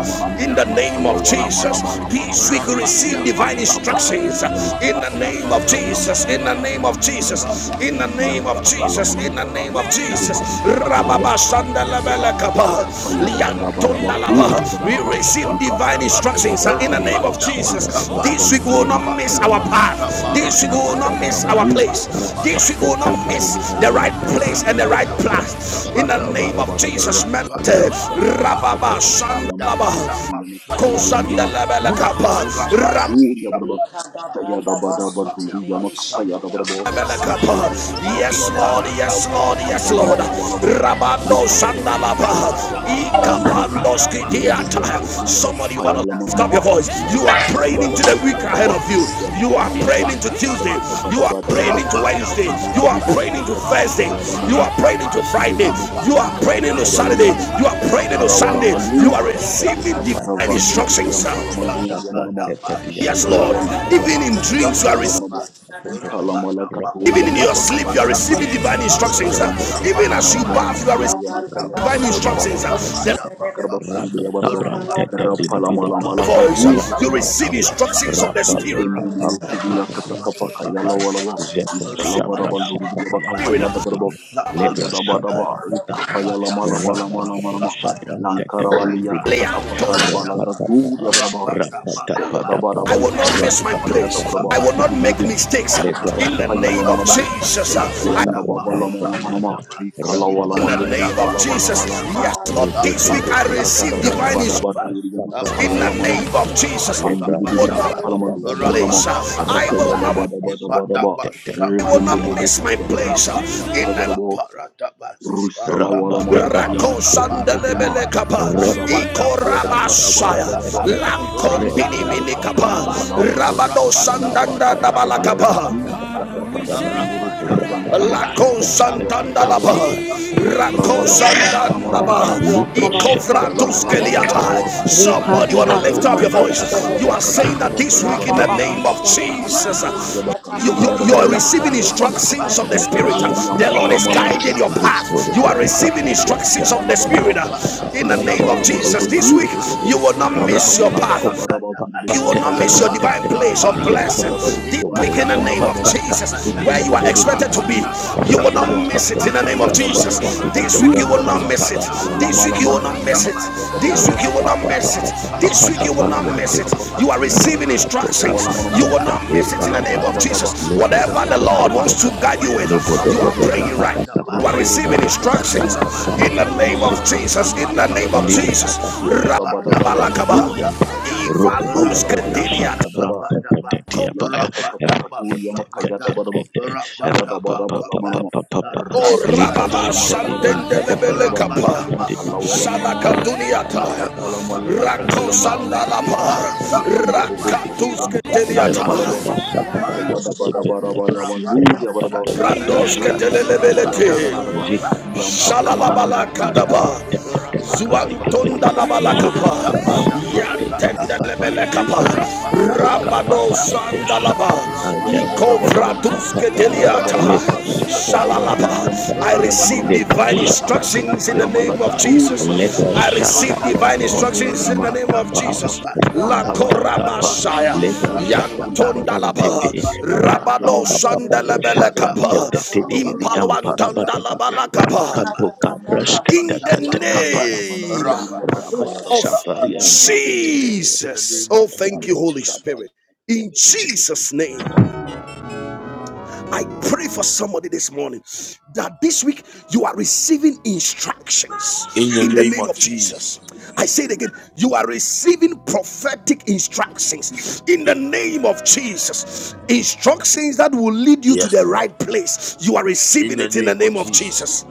S1: in the name of Jesus. Peace. We to receive divine instructions in the name of Jesus. In the name of Jesus. In the name of Jesus. In the name of Jesus. Rababa
S2: Rapa Pari Ante,
S1: sandalabelekaba, liantondalaba.
S2: Papa
S1: We receive
S2: Papa Papa
S1: divine
S2: Papa,
S1: instructions in the name of
S2: Little Sapra
S1: Jesus. This week we will not miss
S2: Petate,
S1: our path. This week we will not miss our place.
S2: Rap
S1: This week we will not miss the right place and the right place. In the name of Jesus. Melete, Rababa Sandalaba, Kosanda lebele kapa. Ram-
S4: Ikada branda basu tebede şebede
S1: lebele
S4: bekosi
S1: kapa.
S4: yakala
S1: Yes,
S4: bandita.
S1: Lord, yes, Lord,
S4: Raka
S1: yes, Lord.
S4: kabade şebede.
S1: Rabando
S3: Rukada balada diye
S1: Sandalaba,
S3: karabak
S4: İyanda
S3: yanımına
S4: bakosi
S1: Ikabando
S4: barandu
S3: Yerebubuk
S4: şebede
S1: Skidiata.
S3: urubuya bak
S4: bakosi
S1: Somebody, want to
S3: ayağlama
S4: yakala
S1: lift
S3: ama
S1: up your
S4: da.
S1: voice. You
S3: Laza
S1: are
S3: bada da
S1: praying
S3: ba da
S1: into
S3: ba
S1: the
S3: da
S1: week
S3: ba
S4: Randa
S3: da
S1: ahead
S3: ba
S1: of you.
S4: bakosi
S3: Sida
S1: You
S3: bala
S1: are
S3: malaka
S1: praying into
S3: şida kata
S1: Tuesday.
S3: kata
S1: You
S3: bada
S1: are
S3: bada bada ba da ba da
S1: praying
S3: ba
S1: into
S4: Rada da
S1: Wednesday.
S4: basya
S3: Arzudu
S1: You are
S3: gibi
S4: kala da
S1: praying
S3: sida
S1: into
S3: kata
S4: kosi
S3: kata
S1: Thursday.
S3: ayağlama
S4: yakele
S1: You are
S3: ama
S4: bosi
S1: praying into
S4: yakala.
S3: Şede
S1: Friday.
S3: bubuk
S1: You are
S3: urubuya bak
S4: İkala
S1: praying
S4: da
S1: into
S4: bina
S3: ayağlama
S1: Saturday.
S3: ama
S4: bosi
S1: You are
S3: La
S1: praying
S4: yakala.
S1: into
S2: Rabba
S3: karavala
S1: Sunday. You
S3: malu
S1: are
S3: ya bada
S4: İzeliya
S1: receiving
S4: katanda
S1: divine
S4: basu
S3: Ravan
S1: instructions.
S4: tebede
S3: Vidiam
S1: sir.
S4: bosi
S3: Palamaluria
S4: yakala.
S3: Manama,
S4: In
S1: Yes, Lord.
S3: Shayalawaluria
S1: Even in dreams,
S3: Ayala
S1: you are receiving.
S3: Malamanama, Talamala
S1: Even
S3: Katurian
S1: in your sleep,
S3: Kapakala
S1: you are receiving
S3: Walamanama,
S1: divine instructions. uh,
S3: Rampapa
S1: Even as you bath, you
S3: Palamalamanama
S1: are receiving
S3: Luria Makaya
S1: divine
S3: Badabara
S1: instructions. uh,
S3: Baluria Karbafuru Bria Baraba, Rapalamalama
S1: The voice, uh,
S3: Lagaduria
S1: you receive instructions of the Spirit.
S3: Mikene molo kodi yakata kapaka yala walaba. Usalavaraba lorubu yaba
S1: Spirit.
S3: kapaya da
S1: uh,
S3: baraba. Jaya
S2: Legra
S3: da badaba.
S2: shakara Rabba
S3: Lankarabali yakata
S1: Leanto,
S3: kapaka la bala gadu ya baraba. Jaya da
S1: I
S3: badaba
S1: will
S3: lorubu
S1: not
S3: yama
S1: miss my
S3: kapaya la
S1: place. I
S3: baraba.
S1: will not
S3: Gidi
S1: make
S3: budu kudu
S1: mistakes. uh,
S3: yakata
S1: In the
S3: kapaya la
S1: name of
S3: mana ma.
S1: Jesus. uh,
S3: Jayanda baba la mala mana ma. Rikala wala
S1: in
S2: Rabba
S1: the
S3: maluri
S1: name
S3: yama
S1: of
S3: la bala
S1: Jesus.
S3: mala mana
S1: Yes,
S3: ma.
S1: Lord, this week I
S3: kada
S1: receive divine
S3: badaba
S1: instructions.
S3: daba duri yama
S1: In
S3: kapaya
S1: the
S3: la mana ma.
S1: name of Jesus.
S3: Rafandi
S2: Rabba
S1: I
S3: bidi
S1: will
S4: the
S1: not
S4: name of
S1: place. uh, I will not
S3: Shagababababababa.
S1: I will not
S3: Revende bobo
S1: miss my
S3: korobo
S2: Rabba
S3: ya
S1: place. uh,
S3: makaduri ya
S1: In the
S3: rabarabo. Rusala wala
S2: Rabada
S3: maluri ya
S1: Rako
S2: Bariante
S3: makadamba
S2: de de de
S3: manama.
S1: sandelebele kapa,
S3: Ya rabal.
S2: Rabada
S3: Ya
S2: Cabrasta
S3: kayata bala
S1: ikorabasaya,
S3: bala bala.
S2: Brabicate
S1: lankompini mini
S2: Rebaruca
S1: kapa,
S3: Bala
S2: Pala
S3: bala bala bala.
S2: Campoli de
S1: rabado
S3: Allah kata
S1: sandanda
S2: Biacatapa
S3: kapa
S1: dabala
S3: kata baka
S1: kapa.
S2: Yapada
S3: tu. Ya
S2: Bada Bada
S3: barabo.
S2: Bada
S3: Shini
S2: Bada
S3: moro kodi yang
S2: Rabado
S3: karma kia
S1: Lako
S3: kata
S2: Shaban
S3: kayang ya barabo.
S1: Santandalaba,
S2: Pentecatieta
S1: Rako
S3: Ravala
S2: Rabada
S3: wala mana mana
S2: Bacapa
S1: Santandaba,
S3: manama.
S2: Lubre
S3: Rusala
S2: Shepeti
S3: wala
S4: Jesus,
S3: wala wala
S1: Ikofratuskeliata.
S3: wala.
S2: Pentecatieta
S1: Someone, you want to
S4: Rekadima
S1: lift
S2: Oh
S1: up your
S2: my
S4: tapato
S1: voice.
S2: Father,
S1: You
S3: Kayala
S1: are
S4: shadadada.
S2: my
S3: kata
S1: saying
S2: king.
S1: that
S3: kada
S1: this
S3: yala
S1: week, in the
S3: baraba
S4: Radababa
S1: name of
S3: rushi
S4: shadadaba
S3: edebo
S1: Jesus,
S3: kuru barja
S4: kosia
S1: you,
S4: tapa.
S1: you,
S3: bakaluri yada
S1: you
S2: Rapat
S1: are
S3: barabo
S4: Receive,
S2: apa
S4: I
S1: receiving
S2: yang
S3: yam
S4: receive
S3: kata
S1: instructions
S4: divine
S1: of the
S3: kapa
S2: dia
S1: spirit
S4: direction.
S2: kerja
S3: katori yam
S1: the
S2: apa
S1: lord
S2: apa
S1: is
S3: palama
S2: apa
S3: lama
S1: guiding
S4: Rakataba
S3: lama
S1: your
S2: jujur
S1: path you are
S3: lagada
S2: bodoh
S1: receiving
S2: apa
S3: bankuri yama
S2: yang dia
S1: instructions of
S3: kayala
S1: the
S3: baraba
S1: spirit
S2: rapat apa
S4: shadadaba
S1: in the
S2: yang
S3: kayada
S1: name
S2: dia
S1: of
S2: dia
S3: balama
S2: dia
S3: lama
S4: kosia
S1: jesus
S2: dia
S1: this
S3: lu
S2: dia
S1: week
S2: dia
S3: ya baraba
S2: dia
S1: you will not
S3: rafa
S1: miss your
S3: yada
S2: rapat
S1: path
S2: kok
S3: baraba baraba
S2: apa
S3: kuru
S2: apa
S1: you will
S3: baraba
S2: ada
S1: not
S4: tapa.
S3: payala
S1: miss your
S3: mala
S2: berada
S1: divine
S3: kati
S2: dia
S3: ya
S1: place of
S3: kata
S2: dia
S3: kada
S1: blessing
S2: kerja
S3: baraba duri
S1: this
S2: bosku
S3: baraba
S1: week in the
S2: berusaha
S3: kayanda
S1: name of
S3: baraba
S2: apa apa
S1: Jesus.
S2: tinggal
S1: Where
S3: rekende
S1: you are
S3: bobo
S2: seperti
S1: expected
S2: apa
S3: kuru
S1: to be,
S3: baraba kata
S1: you will
S3: yada
S1: not
S2: rapat
S3: baraba
S2: apa
S1: miss it in the
S2: buka
S1: name of
S3: yada
S2: berasa
S3: baraba
S2: tak
S1: Jesus.
S4: Radabo
S3: baraba
S2: budi
S1: This week
S2: apa
S1: you
S3: lu
S1: will
S3: ya
S1: not
S3: baraba
S1: miss
S2: diangkat
S1: it.
S2: apa diangkat.
S1: This
S3: palama
S1: week you
S3: lama
S1: will not
S3: lu
S1: miss
S3: yama
S1: it.
S3: kayada
S1: This
S3: baraba
S1: week you will not miss it. This week you will
S2: Rapapadapa
S1: not
S2: yang
S3: Shayalakata
S1: miss
S2: tete,
S1: it.
S3: Kafaka
S1: You are
S3: Purian
S1: receiving
S3: Kafaka
S2: rakato kabra
S1: instructions.
S3: Lawalamanama
S1: You will
S2: sata
S1: not
S2: te
S1: miss it in the
S3: Rusalava
S1: name of
S2: parapada,
S3: Daba Daba
S1: Jesus.
S2: lobo
S1: Whatever
S2: dobo
S1: the
S2: dobo
S1: Lord wants to
S2: dobo ai,
S1: guide you
S3: Adidididididididiyama
S2: lobo
S1: with, you
S2: dobo
S1: are
S2: dobo
S3: Palamalabadaba
S1: praying right.
S2: kapada
S1: now.
S2: kapa,
S1: You are
S3: Rokorobo
S1: receiving
S2: rapata
S1: instructions
S3: Bokoriyama
S2: kapa
S1: in the
S3: Katakapaka
S2: sete
S1: name
S3: Lama
S1: of
S3: Lama
S2: sete bidu
S1: Jesus.
S3: Loriyama
S1: In
S2: bidu,
S1: the name of
S2: libra
S1: Jesus.
S2: bapa bieta, riba
S1: Rabalakaba.
S2: tade
S3: Yadabadabalamalun,
S2: dianta, robo bobo bobo shaka
S3: Rafayalamalakatakadaba,
S2: branta tete tiapa ai,
S3: Yankatakapakaduria
S2: tete tete
S3: Makayadabadaba,
S2: tete, rapapa papa
S3: Shayadabadabalamanama,
S2: papa papa yang Libre
S1: rababa
S2: shepherd
S3: Rampapapayalamalabadaba,
S2: in
S1: santende
S2: Padapa in
S1: lebelekapa.
S3: Lakarabakurubidemakalawalamanama,
S1: Salakatuniata. Rako
S3: Lakalamalakatakalamanama,
S1: sandalaba.
S3: Rifende Bobo
S1: Rakatus kedeliata.
S3: Kurubidemakapayalamaraба,
S4: shadadaba kosia
S3: Yadabadabarabalamaluria
S4: tapa.
S3: Baraba,
S1: Brandos
S4: Kadaba kosia
S1: kedelelebelete.
S3: Rakadabadabarabaraba,
S1: Shalalabala
S3: Idiyampalamalamaluria
S1: kadaba.
S4: tapa.
S1: Zuantonda
S3: Lakatakadabadabadaba.
S1: labala
S4: Kadaba
S1: kapa.
S4: kosia
S1: Yantende
S4: tapa.
S1: lebele kapa.
S3: Rupa
S4: Kalama
S3: papa
S1: Rabado
S3: lama
S4: dos.
S3: lama
S1: Sandalaba, laba. Iko
S3: lama.
S4: Nikolama
S1: vratus
S4: dos.
S3: Kayadabarabaraba.
S1: keteliata.
S2: Lepas dapat
S1: Shalalaba.
S3: Yajadabaduriya
S2: diparukan
S3: Makata
S1: I
S2: pantai,
S4: Kadaba
S1: receive
S3: Yalamanama
S2: lepas
S1: divine
S3: Gula
S4: kosia
S2: dapat
S3: Kapakata
S1: instructions in the
S3: Kalamala
S1: name
S2: diperlihatkan
S1: of
S3: Gaturia
S1: Jesus.
S4: one
S3: Badaba
S2: let us
S1: I
S4: direction
S2: shut up
S1: receive
S4: just give in
S1: divine
S3: Rankalamalama
S2: Leprashatatato,
S4: the name
S3: Loria
S1: instructions
S4: of
S1: in the
S4: Jesus.
S1: name
S3: Makapal
S1: of
S2: Matapa,
S3: Namanaba
S1: Jesus.
S4: One
S1: La
S4: the brand
S3: Pandabadia
S4: is the
S2: Rapatapa,
S1: Korabashaya
S3: Karbakaturia Namanam
S4: very
S3: Gula Vadabadabalia
S1: Yantondalaba
S2: Leprashatapariantete,
S4: Rana
S3: Karbakaturia
S1: Rabado
S4: Bakus
S3: Manam
S4: the
S2: Rapapapapado,
S4: Bebe.
S3: Yadabaluria
S1: Sandelebelekaba
S2: Shabrantete,
S4: Ikata
S3: Makalawa
S4: Bakus
S2: Tidibidi,
S3: Namanam
S4: the Bebe.
S2: Amparabadaba,
S1: Impalwantandalabalakaba
S3: Riskibiyan
S4: Rakata
S2: Rekatoka,
S3: Kalamalamanam
S4: Bakaba.
S1: in the
S3: Ishayalama
S4: Yanda
S2: Prashkatakatapa,
S4: Bakus
S3: Loria Manama
S1: name
S3: Loria
S4: Yakata
S2: Rabba,
S4: Besa.
S3: Makayaraba
S1: of
S4: In the
S3: Shiria
S4: mighty
S2: Shafariantete,
S4: name
S3: Katakara
S1: Jesus. Oh,
S4: of
S1: thank you,
S2: Rado,
S4: Jesus.
S1: Holy Spirit. In Jesus' name.
S2: Shabrantete,
S1: I pray for somebody this morning that this week you are receiving instructions in the name of Jesus. I say it again, you are receiving prophetic instructions in the name of Jesus. Instructions that will lead you to the right place. You are receiving it in the name of Jesus.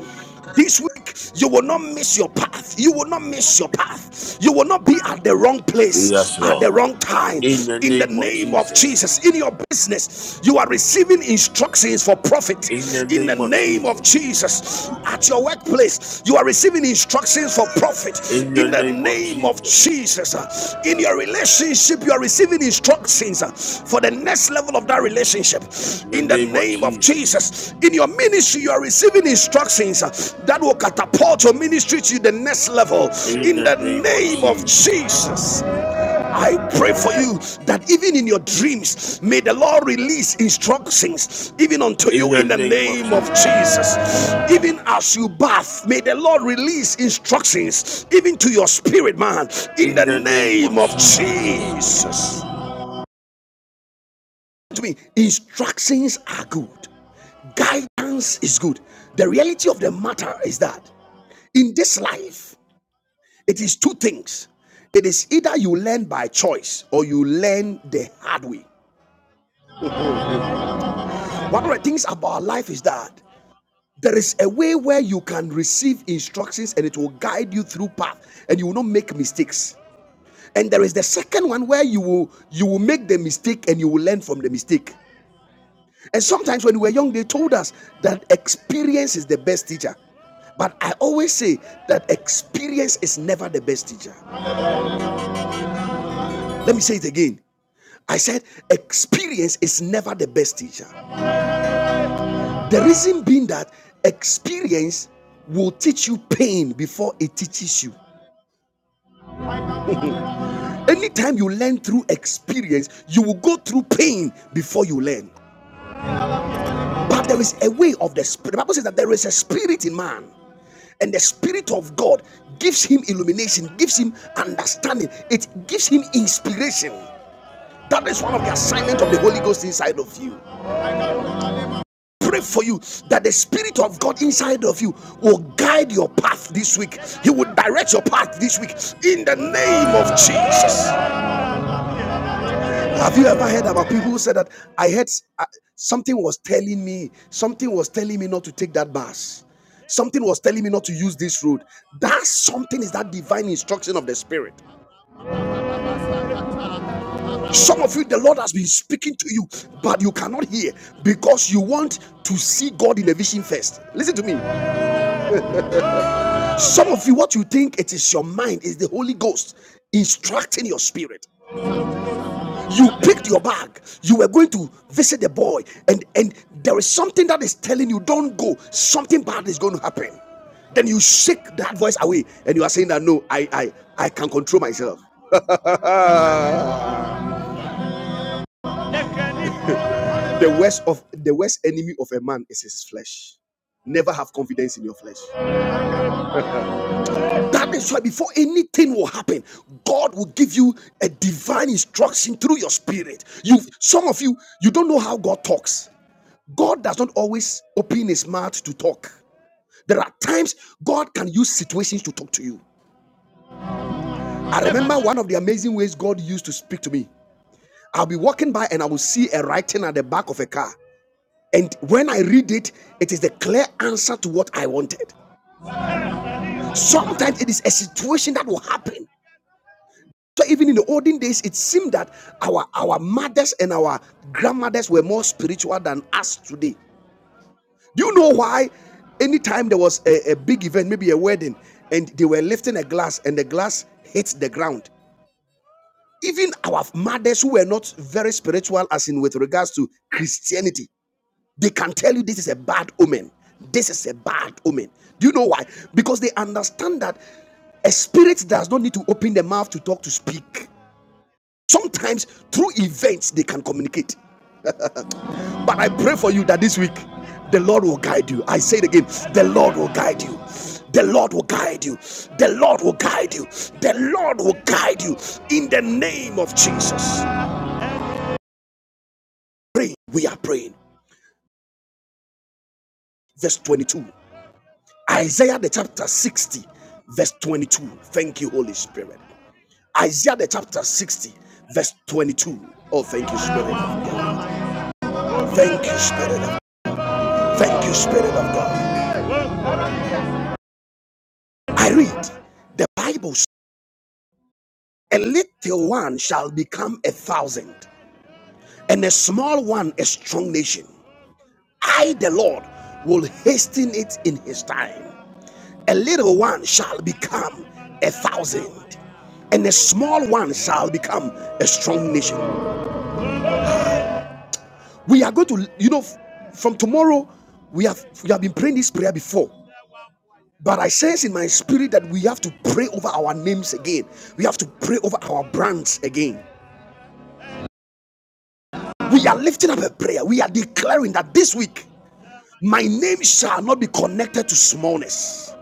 S1: This week, you will not miss your path. You will not miss your path. You will not be at the wrong place
S5: Yes,
S1: at the
S5: Lord.
S1: wrong time.
S5: In the
S1: In the
S5: name of
S1: name of
S5: Jesus.
S1: Jesus, in your business, you are receiving instructions for
S5: In
S1: profit.
S5: the
S1: In the
S5: name of
S1: name of
S5: Jesus.
S1: Jesus, at your workplace, you are receiving instructions for profit profit
S5: In
S1: in
S5: the
S1: the
S5: name of
S1: name of
S5: Jesus.
S1: Jesus. In your relationship, you are receiving instructions for the next level of that relationship
S5: In the
S1: in the
S5: name of
S1: name of
S5: Jesus.
S1: Jesus. In your ministry, you are receiving instructions that will catapult your ministry to the next level
S5: In
S1: in
S5: the
S1: the
S5: name of
S1: name of
S5: Jesus.
S1: Jesus. I pray for you that even in your dreams, may the Lord release instructions even unto
S5: In
S1: you
S5: the
S1: in the
S5: name of
S1: name of
S5: Jesus.
S1: Jesus. Even as you bath, may the Lord release instructions even to your spirit, man, in
S5: In
S1: the
S5: the name
S1: name
S5: of
S1: of
S5: Jesus.
S1: Jesus. To me, instructions are good, guidance is good. The reality of the matter is that in this life, it is two things. It is either you learn by choice or you learn the hard way. One of the things about life is that there is a way where you can receive instructions and it will guide you through path and you will not make mistakes. And there is the second one where you will you will make the mistake and you will learn from the mistake. And sometimes when we were young, they told us that experience is the best teacher. But I always say that experience is never the best teacher. Let me say it again. I said experience is never the best teacher. The reason being that experience will teach you pain before it teaches you. Anytime you learn through experience, you will go through pain before you learn. But there is a way of the spirit. The Bible says that there is a spirit in man, and the spirit of God gives him illumination, gives him understanding, it gives him inspiration. That is one of the assignment of the Holy Ghost inside of you. pray for you that the spirit of god inside of you will guide your path this week he will direct your path this week in the name of jesus have you ever heard about people who said that i heard uh, something was telling me something was telling me not to take that bus something was telling me not to use this road that something is that divine instruction of the spirit some of you the lord has been speaking to you but you cannot hear because you want to see god in a vision first listen to me Some of you, what you think it is your mind is the Holy Ghost instructing your spirit. You picked your bag, you were going to visit the boy, and and there is something that is telling you, don't go. Something bad is going to happen. Then you shake that voice away, and you are saying that no, I I I can control myself. the worst of the worst enemy of a man is his flesh. Never have confidence in your flesh. That is why before anything will happen, God will give you a divine instruction through your spirit. You some of you you don't know how God talks. God does not always open his mouth to talk. There are times God can use situations to talk to you. I remember one of the amazing ways God used to speak to me. I'll be walking by and I will see a writing at the back of a car. And when I read it, it is the clear answer to what I wanted. Sometimes it is a situation that will happen So even in the olden days, it seemed that our our mothers and our grandmothers were more spiritual than us today. Do you know why? Anytime there was a, a big event, maybe a wedding, and they were lifting a glass and the glass hits the ground. Even our mothers who were not very spiritual, as in with regards to Christianity, they can tell you this is a bad omen. This is a bad omen. Do you know why? Because they understand that a spirit does not need to open the mouth to talk to speak. Sometimes through events they can communicate. But I pray for you that this week the Lord will guide you. I say it again the Lord will guide you. The Lord will guide you. The Lord will guide you. The Lord will guide you in the name of Jesus. Pray. We are praying. Verse 22. Isaiah the chapter 60, verse 22. Thank you, Holy Spirit. Isaiah the chapter 60, verse 22. Oh, thank you, Spirit of God. Thank you, Spirit of God. Thank you, Spirit of God. I read the Bible a little one shall become a thousand, and a small one a strong nation. I, the Lord, will hasten it in his time. A little one shall become a thousand, and a small one shall become a strong nation. We are going to, you know, from tomorrow, we have we have been praying this prayer before. But I sense in my spirit that we have to pray over our names again. We have to pray over our brands again. We are lifting up a prayer. We are declaring that this week, my name shall not be connected to smallness.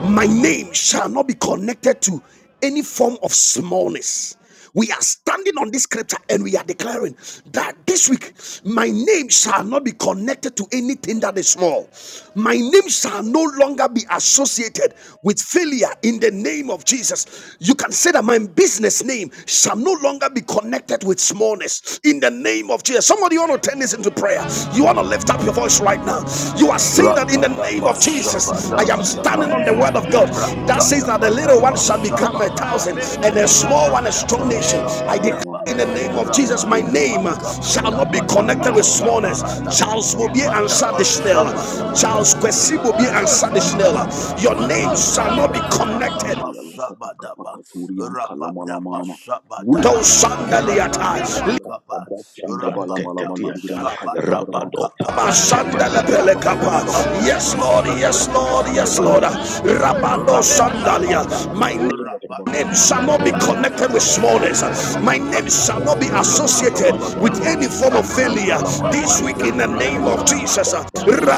S1: My name shall not be connected to any form of smallness. We are standing on this scripture and we are declaring that this week, my name shall not be connected to anything that is small. My name shall no longer be associated with failure in the name of Jesus. you. You can say that my business name shall no longer be connected with smallness in the name of Jesus. Somebody want to turn this into prayer. You want to lift up your voice right now. You are saying that in the name of Jesus, I am standing on the word of God that
S3: Labalama
S1: says that the
S3: Loria
S1: little one shall
S3: Mapalamalama
S1: become a thousand and
S3: Kalawala
S1: the small one a strong nation. I declare.
S3: Sayala
S1: In the name of Jesus, my
S3: Kende
S1: name
S3: bubu
S1: shall not be
S3: yabakata kayala
S1: connected with
S3: warama
S1: smallness.
S3: chaya daba
S1: Charles will
S3: daba
S1: be
S3: daba
S1: answered the Schnell.
S3: fayala mala
S1: Charles
S3: katuri
S1: Kwesi will be
S3: yakata
S1: answered the
S3: kapaya nama
S1: Schnell.
S3: nama
S1: Your name
S3: chaya
S1: shall
S3: daba
S1: not be
S3: daba
S1: connected
S3: chaya lakata kapaka turi yankala mala mana nama
S1: to
S3: wula kapaka daba katuri
S1: sandaliata
S3: yabada yanda bala mala maluri bida
S2: Shakrantetieta
S3: makaya daba
S2: Rabado
S3: Ishaya
S2: Caprenteteteta
S3: da ba da ba da ba luru ya
S1: Yes, Lord,
S3: makia kata
S1: yes,
S3: kapa
S1: Lord,
S3: kala
S1: yes,
S3: wala
S1: Lord.
S3: mama. Ranka
S1: Rabado
S3: ta
S2: Magrata
S3: kapa kala
S1: Sandalia.
S3: mala
S1: My
S3: gado la
S2: Sabete
S3: ba ba.
S1: name shall not be
S3: Ufende bobo
S1: connected with
S3: kuru la ba
S1: smallness.
S3: kala
S2: Repata
S3: wala
S1: My name
S3: mama.
S1: shall
S2: the
S1: not be
S3: Ishaya da ba da
S1: associated
S3: ba da ba da
S1: with
S3: ba.
S1: any form of failure.
S3: Ranka la mala
S1: This
S3: maluru
S1: week,
S3: ya
S1: in the
S3: makapa
S1: name
S3: ya la
S1: of
S3: mama.
S1: Jesus,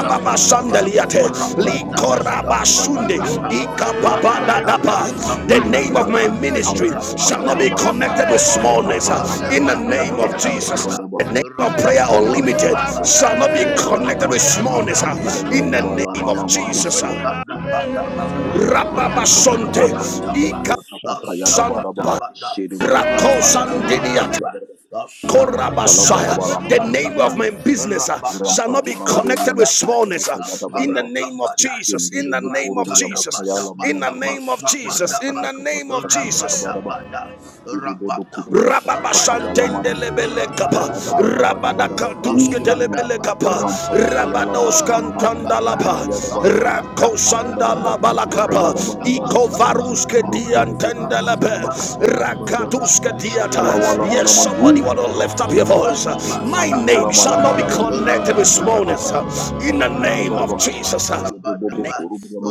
S3: Iri bobo kuru ya ba
S1: Sandaliate,
S3: kala wala mama.
S1: Likoraba
S3: Paya la
S1: Sunde,
S3: mala mala mala mama.
S1: Ikapapa
S3: Raka ta
S1: Dadapa.
S3: kapa kata
S1: the
S3: uri ya
S1: name
S3: la ba
S1: of
S3: da ba.
S1: my ministry
S3: Rampa ta
S1: shall
S3: paya
S1: not
S3: la
S1: be
S3: mala mala
S1: connected
S3: mama.
S1: with smallness.
S3: Itapa ta
S1: In the
S3: turi yanka
S1: name
S3: ta
S1: of
S3: kaya da
S2: devil
S3: ba
S1: Jesus.
S3: da
S1: The
S3: ba.
S2: is
S1: name of prayer
S2: is like
S3: Ishire
S2: that.
S3: bobo
S1: unlimited
S3: kuru
S2: It's
S3: ya
S1: shall
S2: this
S1: not be
S3: makaya
S2: plot
S3: la
S2: that
S3: wala
S1: connected with
S3: mama.
S1: smallness.
S2: against
S1: In
S2: our
S1: the
S2: family.
S1: name of
S2: Any
S3: Yadabalamalama,
S1: Jesus,
S2: plot against
S1: Rababa
S2: our
S1: Sonte,
S2: Rafa
S3: Rankatakapakaturia,
S1: Ika
S2: Photo Shabra.
S3: Katakapakayadabaraba,
S1: Rakosandidiat.
S3: Shiribubukurumakapayadabaraba,
S2: Let the fire
S1: Korabasaya.
S2: of the
S1: The name of my
S3: Rastalavarabalamalamaluriamaraba,
S1: business uh, shall not
S2: Holy
S1: be
S3: Rampalamalamaluria,
S1: connected with smallness. uh,
S2: Ghost
S1: in the name of
S2: continue
S1: Jesus. In the name of Jesus. In the
S3: Shiribubukurubuyamapayalamalama,
S1: name of Jesus. In the name of Jesus.
S3: Rakatakapakatakayadaraba,
S2: Lord,
S1: Rababashantende
S3: Shiribubukudiyakatakapayalamanama,
S2: in the
S1: lebele
S2: name of
S1: kapa. Rabada
S3: Kayadabadabadabadaba,
S1: kanduske
S3: Turiya manama,
S1: telebele kapa.
S3: Rampapapayala
S1: Rabados
S3: malamala manama,
S1: kantandalapa.
S3: Kayadabadaba,
S1: Rako
S3: Lukudana, Kayadabadaba,
S1: sandala balakapa. Iko
S3: Kayadabadabadabadaba,
S1: varuske
S3: Rukurububu,
S1: diantendelepe.
S3: Kurubulama, Kakayadabadaba,
S1: Rakatuske
S3: Ishayala
S1: diata.
S3: wala
S1: Yes,
S3: malama,
S1: somebody want
S3: Luriya
S1: to
S3: badaba,
S1: lift up your voice. My
S3: Lankala
S1: name shall not be
S3: malamalama, Luriya
S1: connected with
S3: masalavaza,
S1: smallness.
S3: Kiyatata,
S1: In the name of
S3: Kayadabadaba,
S1: Jesus.
S3: Yedobobo, Kurubulama,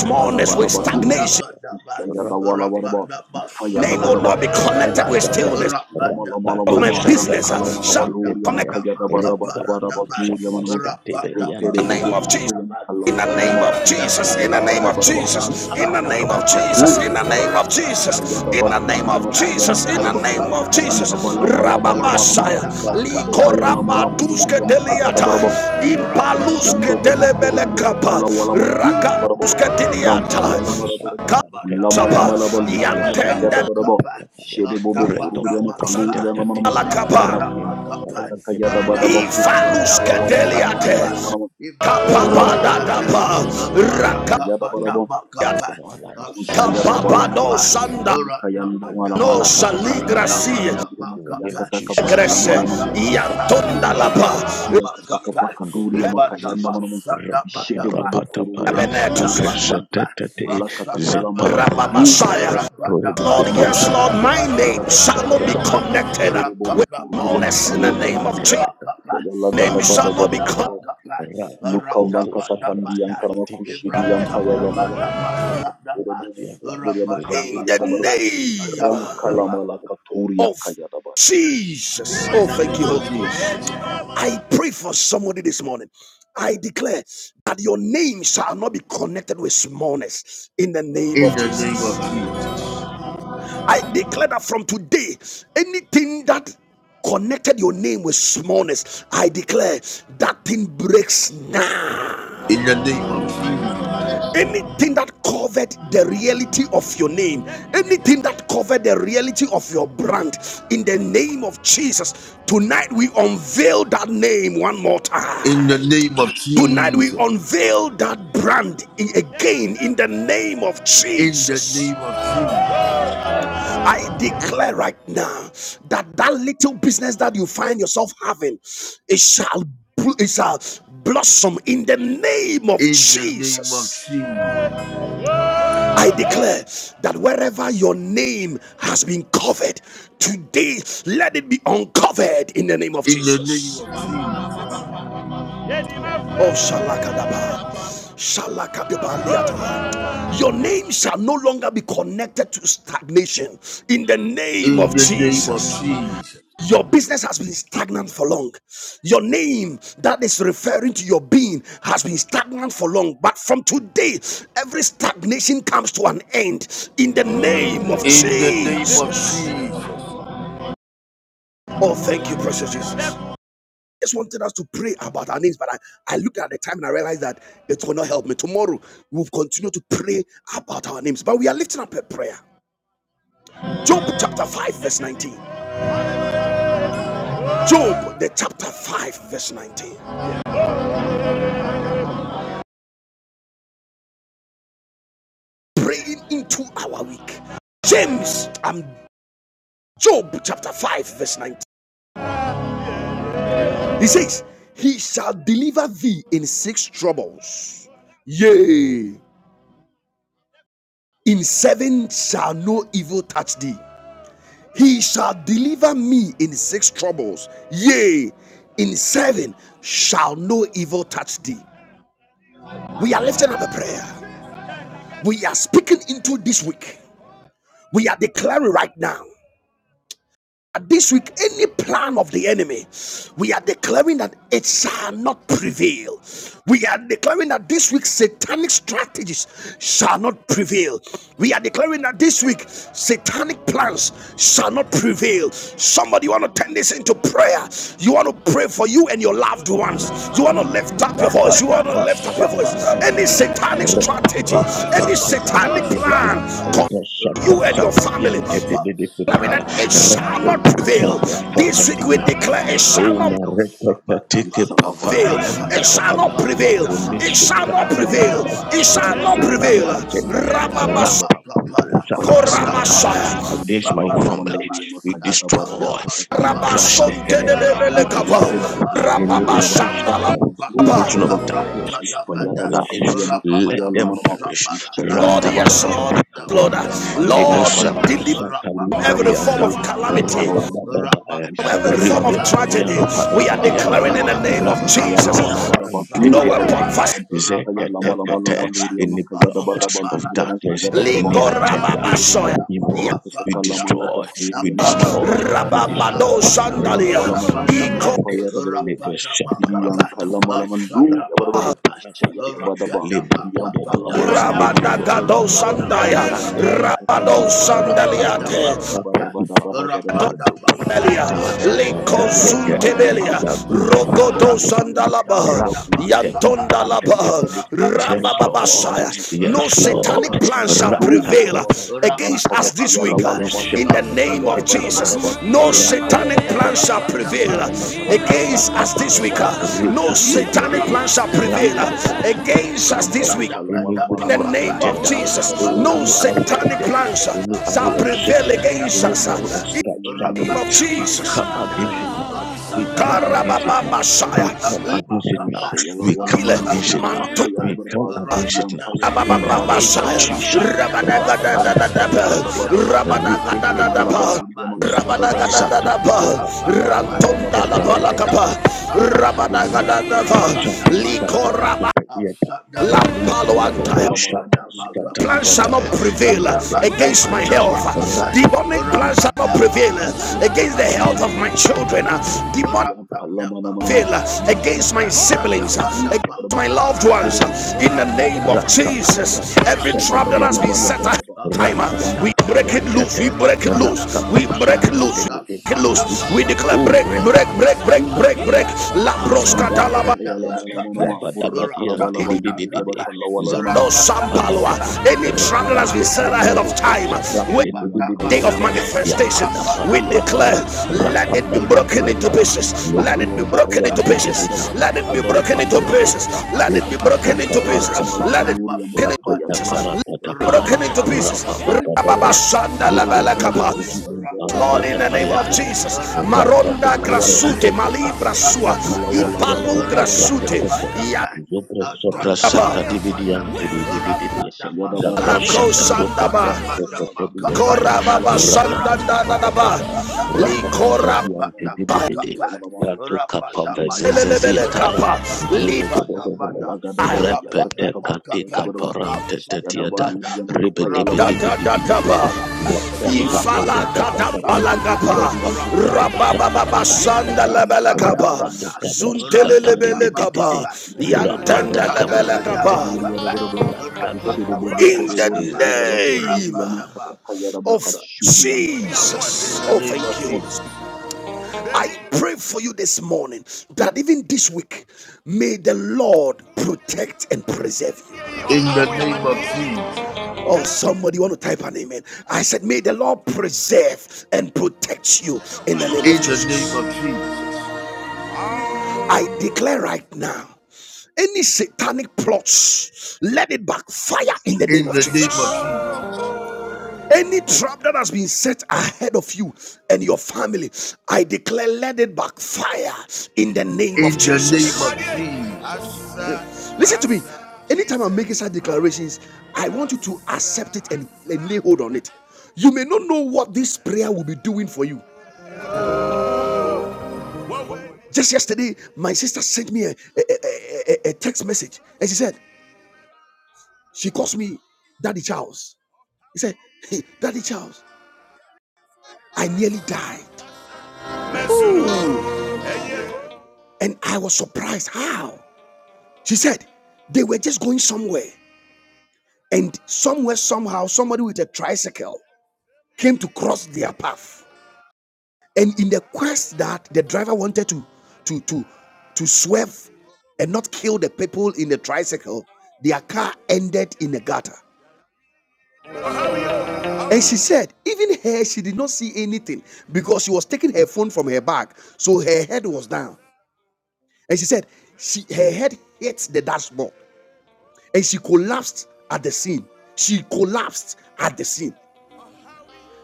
S1: Smallness
S2: Rabba
S1: with stagnation.
S2: Katekaba,
S3: La da da
S2: Rabba
S3: da da da da da ba
S2: Tekaba,
S3: Ifa yada
S1: Name will
S3: bara
S2: Yata,
S3: ba
S1: not be connected
S2: Rabba
S1: with
S2: Daba,
S1: stillness
S3: Lama lama
S2: Rabba
S3: lama
S1: of
S2: Do
S1: my
S3: lama.
S2: Sabra,
S1: business.
S3: Ranka lama lama
S1: Shall
S2: Pepe,
S3: lori
S1: connect.
S3: yama kaya da ba, da ba da
S2: Rabba
S3: ba, da ba
S2: Paru
S3: dori yama
S2: Sabra,
S3: nama.
S2: Skate,
S3: Repere
S2: Beriante,
S1: In the name
S3: bobo
S1: of Jesus.
S3: kurbe yama kala
S1: In the
S3: wala wala
S1: name
S3: ma.
S1: of
S3: Ifa
S1: Jesus, in the
S3: yada ba,
S1: name
S3: da
S1: of
S3: ba da ba
S1: Jesus,
S3: Mula
S1: in the
S3: kata
S1: name of
S3: kapa
S2: Rabba,
S1: Jesus,
S3: kato
S1: in
S3: yama
S1: the
S3: bara ba
S1: name of Jesus,
S3: Ifa yada
S1: in
S3: ba
S1: the name
S3: dori
S1: of
S3: yama kaya
S1: Jesus,
S3: da
S1: in
S3: bara
S1: the
S3: ba
S1: name of Jesus,
S3: Yanda ba ma mula kata Layadawalabaraba, Ifayadabaraba, Ifayadabaraba, Lamalabalabaraba,
S1: Rababashaya,
S3: Rankalabalabaluriama, Kayadabadabadabadabaduriamanama, Reperebobokurubilam, Kalawalamanama, Ifayadabadabaraba, Mulakatakapakaturiabaraba, Ifayadabaturiama, Kayandagabaraba, da
S1: Likorabaduske
S3: Rampapapayalamalabalauriama, ba.
S1: deliata, Impaluske
S3: Rishende bobo koro
S1: delebele
S3: buya
S1: kapa,
S3: bakala wala malu na baraba.
S2: Rabba,
S1: Rakaduske
S3: Rampa ya
S2: Libo
S1: deliata,
S3: lama la baraba.
S2: Sapara
S3: Ulama lama
S1: Kapsapa,
S2: Tete,
S3: lama lu
S2: Libo
S3: ya makayada
S2: Sapara
S1: Yantende
S3: baraba.
S2: Papaya,
S3: Shede bobo koro
S2: Redo
S3: buya makalu
S2: Prante
S3: ya lama
S2: Tete
S3: lama.
S2: Itaya,
S1: lakapa,
S2: Intaya
S3: Rakatata
S2: Tete
S3: kayada baraba
S2: Tete,
S3: koro buya makala
S2: Zappa
S1: Ifaluske
S3: wala
S2: Sappa,
S3: wala malu ya
S1: deliate,
S3: lama.
S2: Ripa
S3: Rampa
S2: da
S3: papa ya
S2: Marian
S3: lama
S1: Kapapadadapa,
S3: lama lu ya
S1: Rakapa.
S2: Dedididida,
S3: makayada
S2: we
S3: baraba.
S2: look at our lives, we
S3: Ushayada
S2: stop.
S3: bala
S1: Kapapado
S3: mala
S2: in
S3: malu ya
S1: sanda
S3: makayanda mala
S1: no
S3: mala
S2: the
S3: kata kala mala
S2: we
S1: saligrasi
S3: gaduru
S2: stop it
S3: buya
S2: in the name of
S3: makiyakata
S2: Jesus.
S3: kapakala
S1: egrese
S3: mala
S2: Any
S3: mala.
S2: plot of darkness,
S3: afede
S1: iantonda
S2: we
S3: bodo
S1: lapa
S2: come
S3: kedi
S2: against
S3: ya
S2: it
S3: kaka kapa
S2: in the
S3: kaduri ya
S2: name of
S3: makaya na
S2: Jesus.
S3: mana mun shede bobo koro ya
S2: Rakaparapatapaya,
S3: makalori ya
S1: benetus
S3: mana mun
S2: agresetetete,
S3: malaka takala malaka du ya
S2: zepareparepa,
S3: baba
S1: rababasaya. Lord,
S3: salama ala
S1: yes,
S2: torobokotosaba,
S1: Lord,
S3: malori ya
S1: my
S3: ya
S1: name
S3: baba
S1: shall
S3: baba
S1: not be
S3: baba
S1: connected
S2: librasaprantetetetutu,
S3: shede bobo
S1: with
S3: koro ya
S1: smallness in the
S3: makalori ya
S1: name
S3: mana
S1: of Jesus.
S2: librantetetete,
S3: ya yalla
S1: Name
S3: gada bada
S1: shall not be
S3: bada bada
S2: rakatopapa,
S3: bada
S1: connected
S3: lukan banka takandi yang karma
S2: rapakotosabrasatatetepe,
S3: kushidi yang payala mala mala
S2: marapatapaya,
S3: shede bobo koro ya
S1: in
S3: makalori ya
S1: the
S3: baba baba
S2: zekaparapasa,
S1: name.
S3: rankala malaka tori ya
S1: of
S3: kaya da baba
S1: Jesus. Oh, thank you, Holy Ghost. I pray for somebody this morning. I declare that your name shall not be connected with smallness in the name of Jesus. I declare that from today, anything that connected your name with smallness, I declare that thing breaks now anything that covered the reality of your name anything that covered the reality of your brand in the name of jesus tonight we unveil that name one more time tonight we unveil that brand again in the name of jesus i declare right now that that little business that you find yourself having it shall it shall blossom in the name of jesus I declare that wherever your name has been covered, today let it be uncovered in the name of Jesus. Oh, Shalakadaba. Shalakadabaliata. Your name shall no longer be connected to stagnation in the name of Jesus. Your business has been stagnant for long. Your name that is referring to your being has been stagnant for long. But from today, every stagnation comes to an end in the name of Jesus. Oh, thank you, precious Jesus. Just wanted us to pray about our names, but I, I looked at the time and I realized that it will not help me. Tomorrow, we'll continue to pray about our names, but we are lifting up a prayer. Job chapter 5, verse 19. Job, the chapter 5, verse 19. praying into our week. James, um, Job chapter 5, verse 19. He says, He shall deliver thee in six troubles. Yea, in seven shall no evil touch thee. He shall deliver me in six troubles. Yea, in seven shall no evil touch thee. We are lifting up a prayer. We are speaking into this week. We are declaring right now. this week any plan of the enemy we are declaring that it shall not prevail we are declaring that this week satanic strategies shall not prevail we are declaring that this week satanic plans shall not prevail somebody you want to turn this into prayer you want to pray for you and your loved ones you want to lift up your voice you want to lift up your voice any
S2: satanic
S1: satanic strategy any satanic plan you and your family declaring
S3: mala
S1: that
S3: mala
S1: it
S3: malori
S1: shall
S3: ya
S1: not
S3: makaya
S1: prevail.
S3: da
S1: This week we declare it shall
S3: baba
S1: not
S3: Salava da
S1: prevail.
S3: Baduri
S1: It
S3: and
S1: shall not prevail. It shall not prevail. It shall not prevail.
S2: agenda
S1: Rababas-
S3: Yadabarba Kayadabadaba
S2: Rapapotosabraskataya,
S1: Korabasaya.
S3: Uriam
S2: against my family.
S3: Salamalamaluri and
S2: We
S3: Kayadabadia
S2: destroy,
S3: Kata
S2: we crush the head,
S3: Kayadabadabadabadaba
S2: we
S1: Rabasontenebelekaba.
S2: destroy
S3: Istendabuma
S2: any
S3: Kurubiaba
S2: opposition
S3: Kapayalaba
S2: oppression of
S1: Rababashandalaba.
S3: Yabarba
S2: darkness in our
S3: Payadabaduri
S2: lives. Let them
S3: Makapayalamarma
S2: perish.
S1: Lord,
S2: Rata
S1: yes, Lord, yes, Lord,
S2: parapavente.
S1: Lord,
S2: Legresa
S3: Rakata
S1: deliver
S2: prasaka
S3: kakakuri
S1: from every
S3: yankapa
S1: form
S2: diparianta.
S1: of
S3: kalau mana
S1: calamity,
S3: bala wala bala bala.
S2: Rabababa.
S1: from
S3: Ishaya
S1: every
S3: da
S1: form
S3: bada
S1: of
S2: Rede
S3: bada malu
S1: tragedy.
S2: berianta
S3: yana
S2: da
S1: We are
S3: papaya la mana
S2: badiada.
S1: declaring in the name
S3: mahasidi
S1: of
S3: yampaya
S2: Rakatu
S3: la
S1: Jesus
S3: mala bada
S2: sabran
S3: badu
S1: no
S2: tete.
S3: ya bada bada.
S1: weapon
S3: Mampu papaya la mala mala
S2: Zeketekete.
S3: malu
S2: In
S3: yana
S2: the
S3: kaya da
S2: plot
S3: bada balu
S2: of
S3: yana
S2: darkness,
S3: mashaya da bada
S2: in the
S3: bada.
S1: Ligo
S2: agenda
S3: Ite ndo
S2: of
S1: rababasoya.
S3: bodo kudi
S2: evil,
S1: Ya
S3: ya
S2: we
S3: kaka la mala
S2: destroy, we
S3: gaduri yana mala
S2: destroy,
S3: banda.
S2: we
S3: ya
S2: destroy.
S1: rababado
S3: yana
S1: sandalia.
S3: walama
S2: Rakata
S3: duri yama
S1: Iko
S2: bluante.
S3: kupaya da baraba
S2: Legresa
S3: fidi yan
S2: parapatapa
S3: kalama lama lu ya baraba
S2: rapate
S3: chaya da
S2: panapate
S3: badaba
S2: libro
S3: fidi yan
S2: bobo boy
S3: palama lama lama
S2: libro
S3: lama
S2: bobo
S1: rabadagado
S2: bobo
S1: sandaya.
S3: rakata
S2: rata
S3: kata kata kaya
S1: Rabado
S3: da badaba da
S2: lebo
S3: badaba da
S1: sandaliate.
S2: shata
S3: badaba da badaba
S2: pedipa
S3: da badaba
S2: madopo
S1: Belia,
S2: pata
S3: malaga da badu
S2: gaga
S1: Leko
S3: duri yama
S2: gaga
S3: kupaya lama
S1: Suntebelia,
S3: lama
S2: gagimpa
S3: chaya da ba
S1: Rogoto
S3: kurdu
S2: dolopa
S3: yana yan
S1: Sandalaba,
S3: karba kurdu yana
S2: rapate
S3: baraba
S2: kabrante
S3: fidi
S1: Yantondalaba,
S2: kete
S3: de kurdu ya
S2: Yes,
S3: ba katuri yana
S2: Lord.
S3: baraba
S1: Rabababasaya. No
S2: Yes,
S3: chaya da
S2: Lord.
S1: satanic
S3: badaba
S1: plan
S3: da
S1: shall
S3: badu
S2: Rata
S3: ya
S1: prevail
S3: baraba
S2: kabranta
S3: ram
S1: against
S2: kapaya.
S1: us
S3: papa
S1: this
S3: paya
S1: week.
S3: lama
S2: Libro
S3: lama lu
S1: In the
S3: ya
S2: shepherd
S3: ma
S1: name
S3: kaya da
S1: of
S2: integrity.
S3: badaba da
S1: Jesus,
S3: badu duri
S1: no
S3: yama
S2: Rapa
S3: kaya
S1: satanic
S3: da baraba
S1: plan shall
S2: papa.
S1: prevail
S3: Tegala kata kabur
S1: against
S2: Rapa
S3: ya
S1: us
S2: papa
S1: this
S3: makata
S1: week.
S3: wala mana ma.
S1: No
S3: Mula
S2: Ri-ti-ti-ti-ti.
S1: satanic
S3: kata
S1: plan
S3: kapa
S1: shall prevail
S3: kaburi ya bara bara.
S1: against us
S3: Rampa
S2: Ra-pa-po-sa-pa-sa-pa-ya.
S1: this week.
S3: papa la
S2: Any
S3: mala mana
S1: In the
S3: ma.
S2: witchcraft
S1: name of
S3: La
S2: agenda,
S3: kata
S1: Jesus,
S3: bara bara
S2: oh,
S1: no
S3: bara
S2: any
S3: bara bara.
S2: arrow of
S1: satanic
S2: death,
S3: Kuri ya
S1: plans
S3: bara bara.
S2: any
S1: shall
S2: arrow of
S3: Rushi di
S1: prevail
S2: sickness,
S3: bara bara.
S1: against
S2: any
S3: Kuri ya
S2: arrow
S1: us.
S2: of
S1: In
S2: start
S3: makaluri ya
S1: the
S3: mana
S1: name
S3: ma.
S2: struggling,
S1: of
S2: we
S1: Jesus.
S2: come
S3: Rita la
S2: against it
S3: mala
S2: now.
S3: kata kaya
S2: We
S3: da
S2: come
S3: bara bara.
S2: against it now.
S1: Karabababashaya.
S2: We come against it now.
S3: Rushe ya la
S2: We
S3: wala
S2: come
S1: Lile
S2: against
S3: maluri ya
S2: it now.
S1: mantu.
S3: makapa ya da
S2: We
S3: bara
S2: come
S3: bara. Sidi
S2: against
S3: ya
S2: it now.
S3: mpa ya la
S2: In
S3: mala
S2: the
S3: mala
S2: name of
S1: Rababababashaya.
S3: malu.
S2: Jesus.
S3: Ranka da
S1: Rabadagadadadadaba.
S3: da da da
S2: Ra-ba-ba-ba-ba-ya-ka-ti.
S3: ba da ba. Rufa ya la mala
S1: Rabadagadadadaba.
S2: Ri-ti-ti-ti-ti.
S3: maluri ya makaya da ba da ba da ba.
S1: Rabadagadadadaba.
S2: Zappa-sa-ta-ta-ba-ba.
S3: Ila da da ba da ba da ba da ba da ba.
S1: Rantondalabalakapa.
S2: Apprentice-pa-ba-ta-ti-ti-pa-ti-ti-pa.
S3: Ruko rubo
S2: In the
S3: buku rubo
S1: Rabadagadadava.
S3: ya ba
S2: name
S3: kaluri ya da ba da ba.
S1: Likoraba.
S3: Lisha ya la
S1: Lampaloantaya.
S3: wala mala mandiri ya ma
S1: Plans shall
S3: taya
S1: not
S3: kata
S1: prevail
S3: kabaka de kudi
S2: of
S3: yang
S1: against my
S3: karba
S2: Jesus,
S1: health.
S3: kaluri ya dabar ba
S1: Demonic
S3: enteri
S1: plans
S3: de
S1: shall not
S3: budi kudi
S1: prevail
S3: ya karba
S1: against the
S3: kapuri ya
S1: health of
S3: nama
S1: my
S3: nama
S1: children.
S3: Eh, pali di
S1: Demonic
S3: ya pala mana mana ma
S1: prevail
S3: murah
S1: against
S3: kata
S1: my
S3: kala mana
S1: siblings, uh,
S3: kaji ya dabar
S1: against
S3: ba
S1: my loved
S3: fere
S1: ones.
S3: de de
S1: uh, In
S3: fere
S1: the
S3: de ya ba
S1: name of
S3: kapuri ya dabar ba
S1: Jesus, every
S3: ya ya
S1: trap that
S3: daba
S1: has been
S3: daba
S1: set
S3: daba
S1: ahead
S3: daba
S1: of time, uh,
S3: yang
S1: we
S3: kata
S1: break
S3: kama
S1: it
S3: kata
S1: loose, we
S3: kama
S1: break it
S3: kuri ya
S1: loose,
S3: karba
S1: we break it
S3: kaluri ya
S1: loose. we break
S3: dabar
S1: it
S2: Rakatuka
S1: Loose, we
S3: Wisha
S1: declare
S2: Ooh,
S1: break, break, break,
S2: repariante.
S1: break, break, break. La
S2: Rapatu
S1: prosca
S2: sabrante
S1: dalaba.
S2: tete. Yabadabadi antididididi.
S1: No
S2: Zakapatapatapa.
S1: sampaloa. Any trap that has been
S2: Rapatu
S1: set ahead of
S2: kuburutu
S1: time.
S2: sabrante
S1: day of
S2: dididididi.
S1: manifestation, we
S2: Yapadapadi
S1: declare,
S2: apa.
S1: let it be
S2: Rapadapadi
S1: broken into
S2: apa.
S1: pieces, let it be broken
S2: Yogudubaru
S1: into
S2: antidididi.
S1: pieces, let it be broken into
S2: Zupate.
S1: pieces, let it be
S2: Zipate
S1: broken into pieces,
S2: kapanta
S1: let it
S2: tete.
S1: be broken into
S2: Ratuka
S1: pieces,
S2: paratatapa.
S1: broken into pieces.
S2: Rababababa. Gribu,
S3: Halamalama,
S2: gribu, gribu,
S1: Lord, in the name of
S2: gribu,
S1: Jesus,
S3: Shiribobo, Kuriba,
S2: Repete
S1: Maronda
S3: Kalawala,
S1: Grasute,
S3: Barabo,
S1: Malibra Sua,
S3: Rakalawala, Wala,
S1: Ipalu
S3: Wala, Wala, Wala,
S1: Grasute,
S3: Wala,
S1: Yakaba,
S3: Wala, Wala, Shayada, Baraba,
S1: Alako
S3: Turiba,
S1: Sandaba,
S3: Kaluriba, Baraba, and Kalamala,
S1: Korababa
S3: Wala,
S1: Sandaba,
S3: Mela,
S1: Likorab.
S3: Katakala, Wala, Yamanama, Shiribi,
S1: Lelelele
S3: Wala, Gadaba, Yada,
S2: katika
S3: Baraba,
S2: parante
S3: Shayada,
S2: tetiada
S3: Baluria,
S2: ribedebedebedebedebe zaprasha tatatata kapa
S3: Rasta
S2: Rapadu Cabras Satan
S1: sanda lebele kapa,
S2: Rapadu Cabras
S1: zuntele
S2: Cata de de
S1: lebele
S2: de de de
S1: kapa, yantenda
S2: Rapada
S1: lebele
S2: Cabrante te
S1: kapa.
S2: de. Ragado Capaya
S1: In the
S2: Irrigate
S1: name
S2: Rapadu Cabra
S1: of Jesus. Oh, thank you, Holy Spirit. I pray for you this morning that even this week, may the Lord protect and preserve you. Oh, somebody want to type an amen. I said, May the Lord preserve and protect you in the name of Jesus. I declare right now any satanic plots, let it backfire in the name of Jesus. Any trap that has been set ahead of you and your family, I declare, let it backfire in the name of Jesus. Listen to me. Anytime I'm making such declarations, I want you to accept it and, and lay hold on it. You may not know what this prayer will be doing for you. Just yesterday, my sister sent me a, a, a, a- text message and she said, She calls me Daddy Charles. He said, "Hey, Daddy Charles, I nearly died. And I was surprised. How? She said, They were just going somewhere. And somewhere, somehow, somebody with a tricycle came to cross their path. And in the quest that the driver wanted to to to to swerve and not kill the people in the tricycle, their car ended in a gutter. And she said, even her, she did not see anything because she was taking her phone from her bag, so her head was down. And she said, she her head hit the dashboard, and she collapsed at the scene. She collapsed at the scene.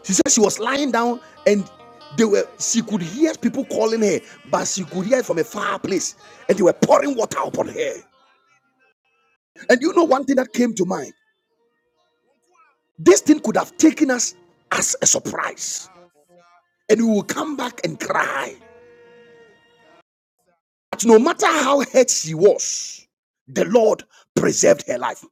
S1: She said she was lying down and they were she could hear people calling her, but she could hear it from a far place, and they were pouring water upon her. And you know one thing that came to mind? This thing could have taken us as a surprise, and we will come back and cry. But no matter how hurt she was, the Lord preserved her life.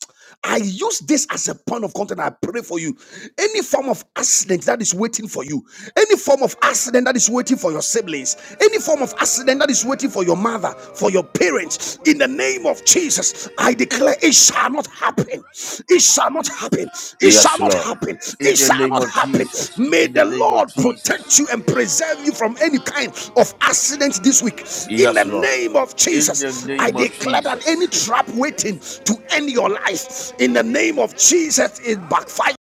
S1: I use this as a point of contact. I pray for you. Any form of accident that is waiting for you, any form of accident that is waiting for your siblings, any form of accident that is waiting for your mother, for your parents, in the name of Jesus, I declare it shall not happen happen. It shall not happen. It shall not happen. It shall not happen. May the Lord protect you and preserve you from any kind of accident this week. In the name of Jesus, I declare that any trap waiting to end your life, in the name of Jesus, it backfire.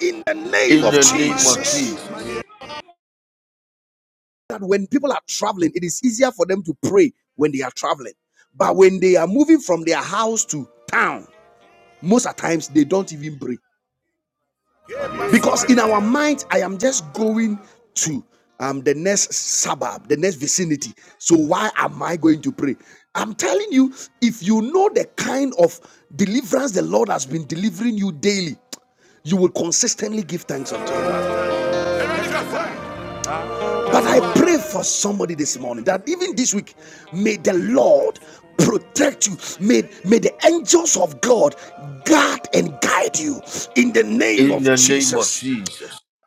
S1: In the name of Jesus.
S5: Jesus.
S1: That when people are traveling, it is easier for them to pray when they are traveling. But when they are moving from their house to town, most of the times they don't even pray. because in our mind i am just going to um the next suburb the next vicinity so why am i going to pray i'm telling you if you know the kind of deliverance the lord has been delivering you daily you will consistently give thanks unto him but i pray for somebody this morning that even this week may the lord protect you may may the angels of god guard and guide you in the name of jesus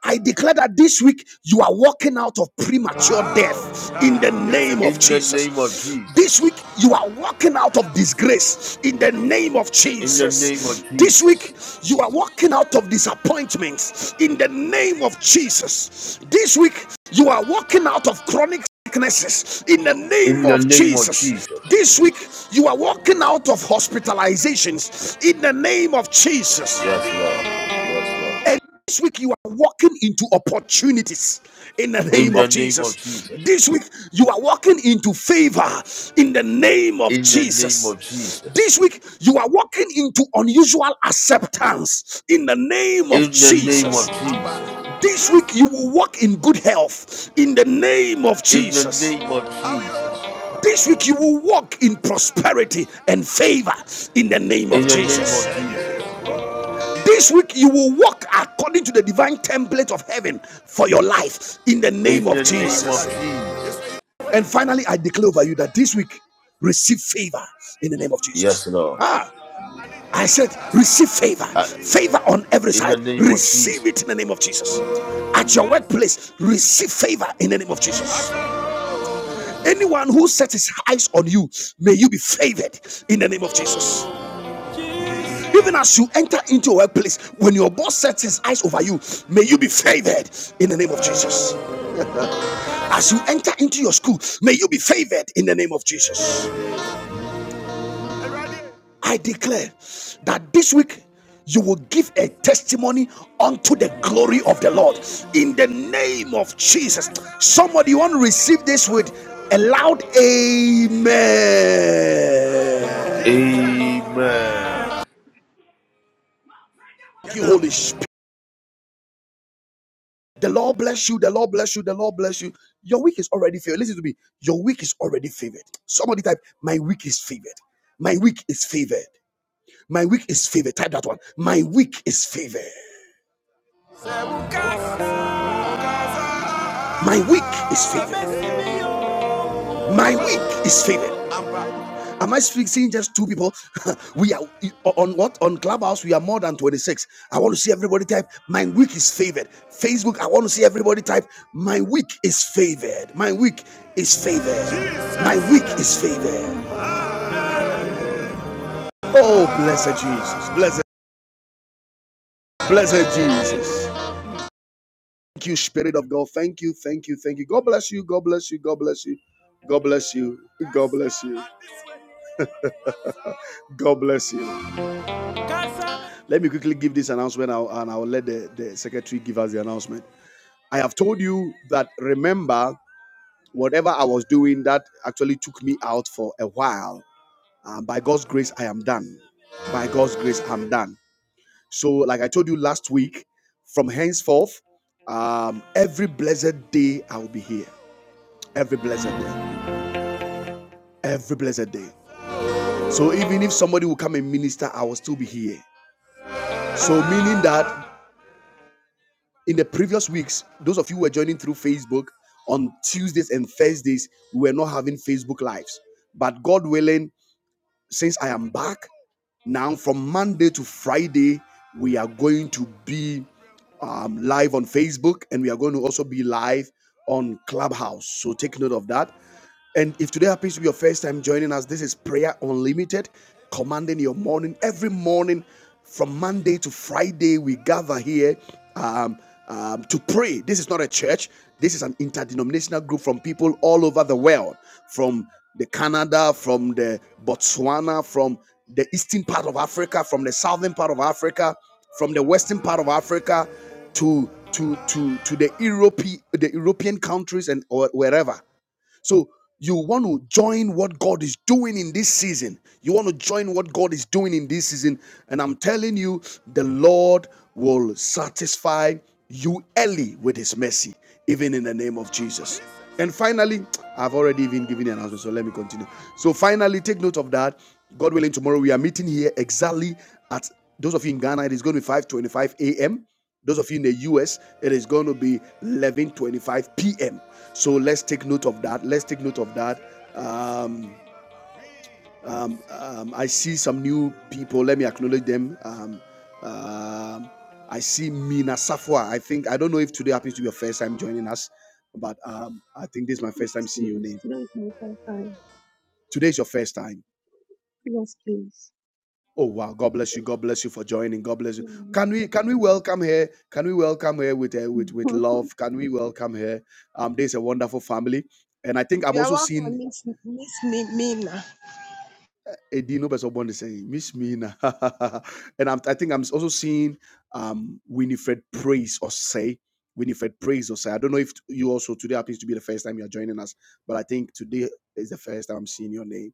S1: I declare that this week you are walking out of premature death in the name of Jesus. This week you are walking out of disgrace in the name of
S5: In the name of
S1: Jesus. This week
S5: Jesus.
S1: you are walking out of disappointments in the name of Jesus. This week you are walking out of chronic sicknesses in the
S5: In
S1: name
S5: the
S1: of
S5: name of
S1: Jesus.
S5: Jesus.
S1: This week you are walking out of hospitalizations in the name of Jesus.
S5: Yes, Lord. Yes, Lord.
S1: And this week you are walking into opportunities in the
S5: In
S1: name
S5: the
S1: of Jesus.
S5: Jesus.
S1: This week you are walking into favor in the name of Jesus. This week you are walking into unusual acceptance in the name of Jesus. This week you will walk in good health in the name of Jesus. This week you will walk in prosperity and favor in the name of Jesus. This week, you will walk according to the divine template of heaven for your life in the name of Jesus. And finally, I declare over you that this week, receive favor in the name of Jesus. Ah, I said, receive favor, favor on every side. Receive it in the name of Jesus. At your workplace, receive favor in the name of Jesus. Anyone who sets his eyes on you, may you be favored in the name of Jesus. Even as you enter into your workplace, when your boss sets his eyes over you, may you be favored in the name of Jesus. As you enter into your school, may you be favored in the name of Jesus. I declare that this week you will give a testimony unto the glory of the Lord in the name of Jesus. Somebody you want to receive this with a loud amen.
S5: Amen.
S1: Thank you, Holy Spirit. The Lord bless you. The Lord bless you. The Lord bless you. Your week is already favored. Listen to me. Your week is already favored. Somebody type, My week is favored. My week is favored. My week is favored. Type that one. My week is favored. My week is favored. My week is favored. Am I speaking seeing just two people? we are on what on Clubhouse. We are more than 26. I want to see everybody type. My week is favored. Facebook. I want to see everybody type. My week is favored. My week is favored. My week is favored. Oh, blessed Jesus. Blessed, blessed Jesus. Thank you, Spirit of God. Thank you, thank you, thank you. God bless you. God bless you. God bless you. God bless you. God bless you. God bless you. Let me quickly give this announcement and I'll- and I'll let the, the secretary give us the announcement. I have told you that remember, whatever I was doing that actually took me out for a while. Uh, by God's grace, I am done. By God's grace, I'm done. So, like I told you last week, from henceforth, um, every blessed day I will be here. Every blessed day. Every blessed day. So, even if somebody will come and minister, I will still be here. So, meaning that in the previous weeks, those of you who were joining through Facebook on Tuesdays and Thursdays, we were not having Facebook lives. But God willing, since I am back now from Monday to Friday, we are going to be um, live on Facebook, and we are going to also be live on Clubhouse. So take note of that. And if today happens to be your first time joining us, this is Prayer Unlimited, commanding your morning. Every morning from Monday to Friday, we gather here um, um, to pray. This is not a church, this is an interdenominational group from people all over the world, from the Canada, from the Botswana, from the eastern part of Africa, from the southern part of Africa from the western part of Africa to to to to the Europe, the European countries and or wherever. So you want to join what God is doing in this season. You want to join what God is doing in this season. And I'm telling you, the Lord will satisfy you early with his mercy, even in the name of Jesus. And finally, I've already even given the announcement, so let me continue. So finally, take note of that. God willing, tomorrow we are meeting here exactly at those of you in Ghana. It is going to be 5:25 a.m. Those of you in the US, it is going to be 11:25 p.m. So let's take note of that. Let's take note of that. Um, um, um, I see some new people. Let me acknowledge them. Um, um, I see Mina Safwa. I think I don't know if today happens to be your first time joining us, but um, I think this is my first time
S6: Yes,
S1: seeing your
S6: please.
S1: name.
S6: Three, four, five, five.
S1: Today is your first time.
S6: Yes, please.
S1: Oh wow! God bless you. God bless you for joining. God bless you. Can we
S6: Amen.
S1: can we welcome her? Can we welcome her with uh, with with love? Can we welcome her? Um, there's a wonderful family, and I think I'm
S7: You are
S1: also seeing
S7: welcome, Miss, Miss Mimina.
S1: Edino Besobon is saying, Miss Mina. and I'm, I think I'm also seeing um, Winifred Praise or say, Winifred Praise or say. I don't know if you also, today happens to be the first time you're joining us, but I think today is the first time I'm seeing your name.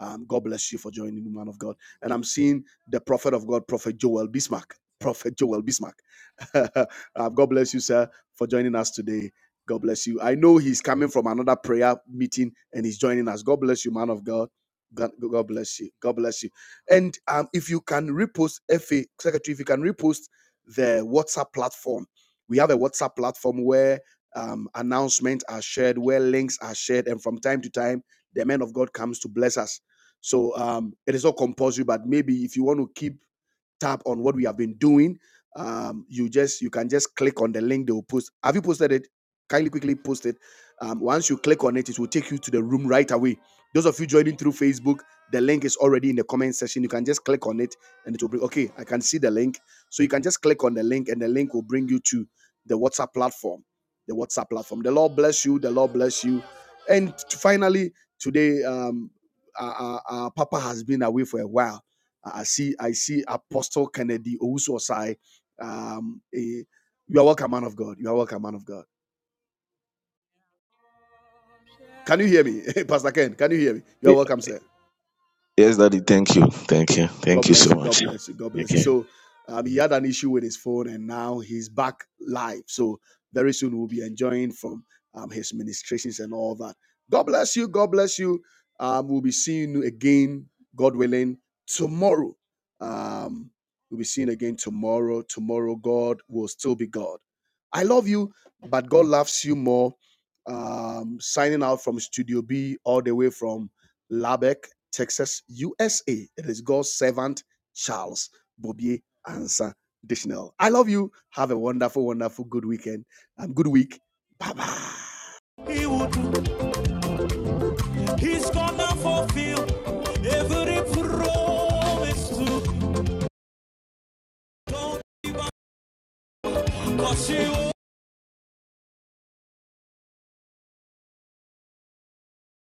S1: Um, God bless you for joining the man of God. And I'm seeing the prophet of God, Prophet Joel Bismarck. Prophet Joel Bismarck. um, God bless you, sir, for joining us today. God bless you. I know he's coming from another prayer meeting and he's joining us. God bless you, man of God. God, God bless you. God bless you. And um, if you can repost, FA Secretary, if you can repost the WhatsApp platform, we have a WhatsApp platform where um, announcements are shared, where links are shared, and from time to time, the man of God comes to bless us. So um, it is not compulsory, but maybe if you want to keep tab on what we have been doing, um, you just you can just click on the link they will post. Have you posted it? Kindly quickly post it. Um, once you click on it, it will take you to the room right away those of you joining through Facebook, the link is already in the comment section. You can just click on it and it will bring, okay, I can see the link. So you can just click on the link and the link will bring you to the WhatsApp platform. The WhatsApp platform. The Lord bless you. The Lord bless you. And finally, today, um, our, our- Papa has been away for a while. I see, I see Apostle Kennedy Owusu-Osai. Um, eh, you are welcome, man of God. You are welcome, man of God. Can you hear me, Pastor Ken? Can you hear me? You are
S2: Ye-
S1: welcome, sir.
S2: Yes, Daddy. Thank you. Thank you.
S1: God
S2: Thank you so
S1: bless you. God
S2: much.
S1: bless you. God bless you.
S2: Okay.
S1: So um, he had an issue with his phone, and now he's back live. So very soon we'll be enjoying from um, his ministrations and all that. God bless you. God bless you. Um, we'll be seeing you again, God willing, tomorrow. Um, we'll be seeing again tomorrow. Tomorrow, God will still be God. I love you, but God loves you more. Um, signing out from Studio B all the way from Lubbock, Texas, USA. It is God's servant, Charles Bobier Ansa Dishnell. I love you. Have a wonderful, wonderful, good weekend and good week. Bye bye.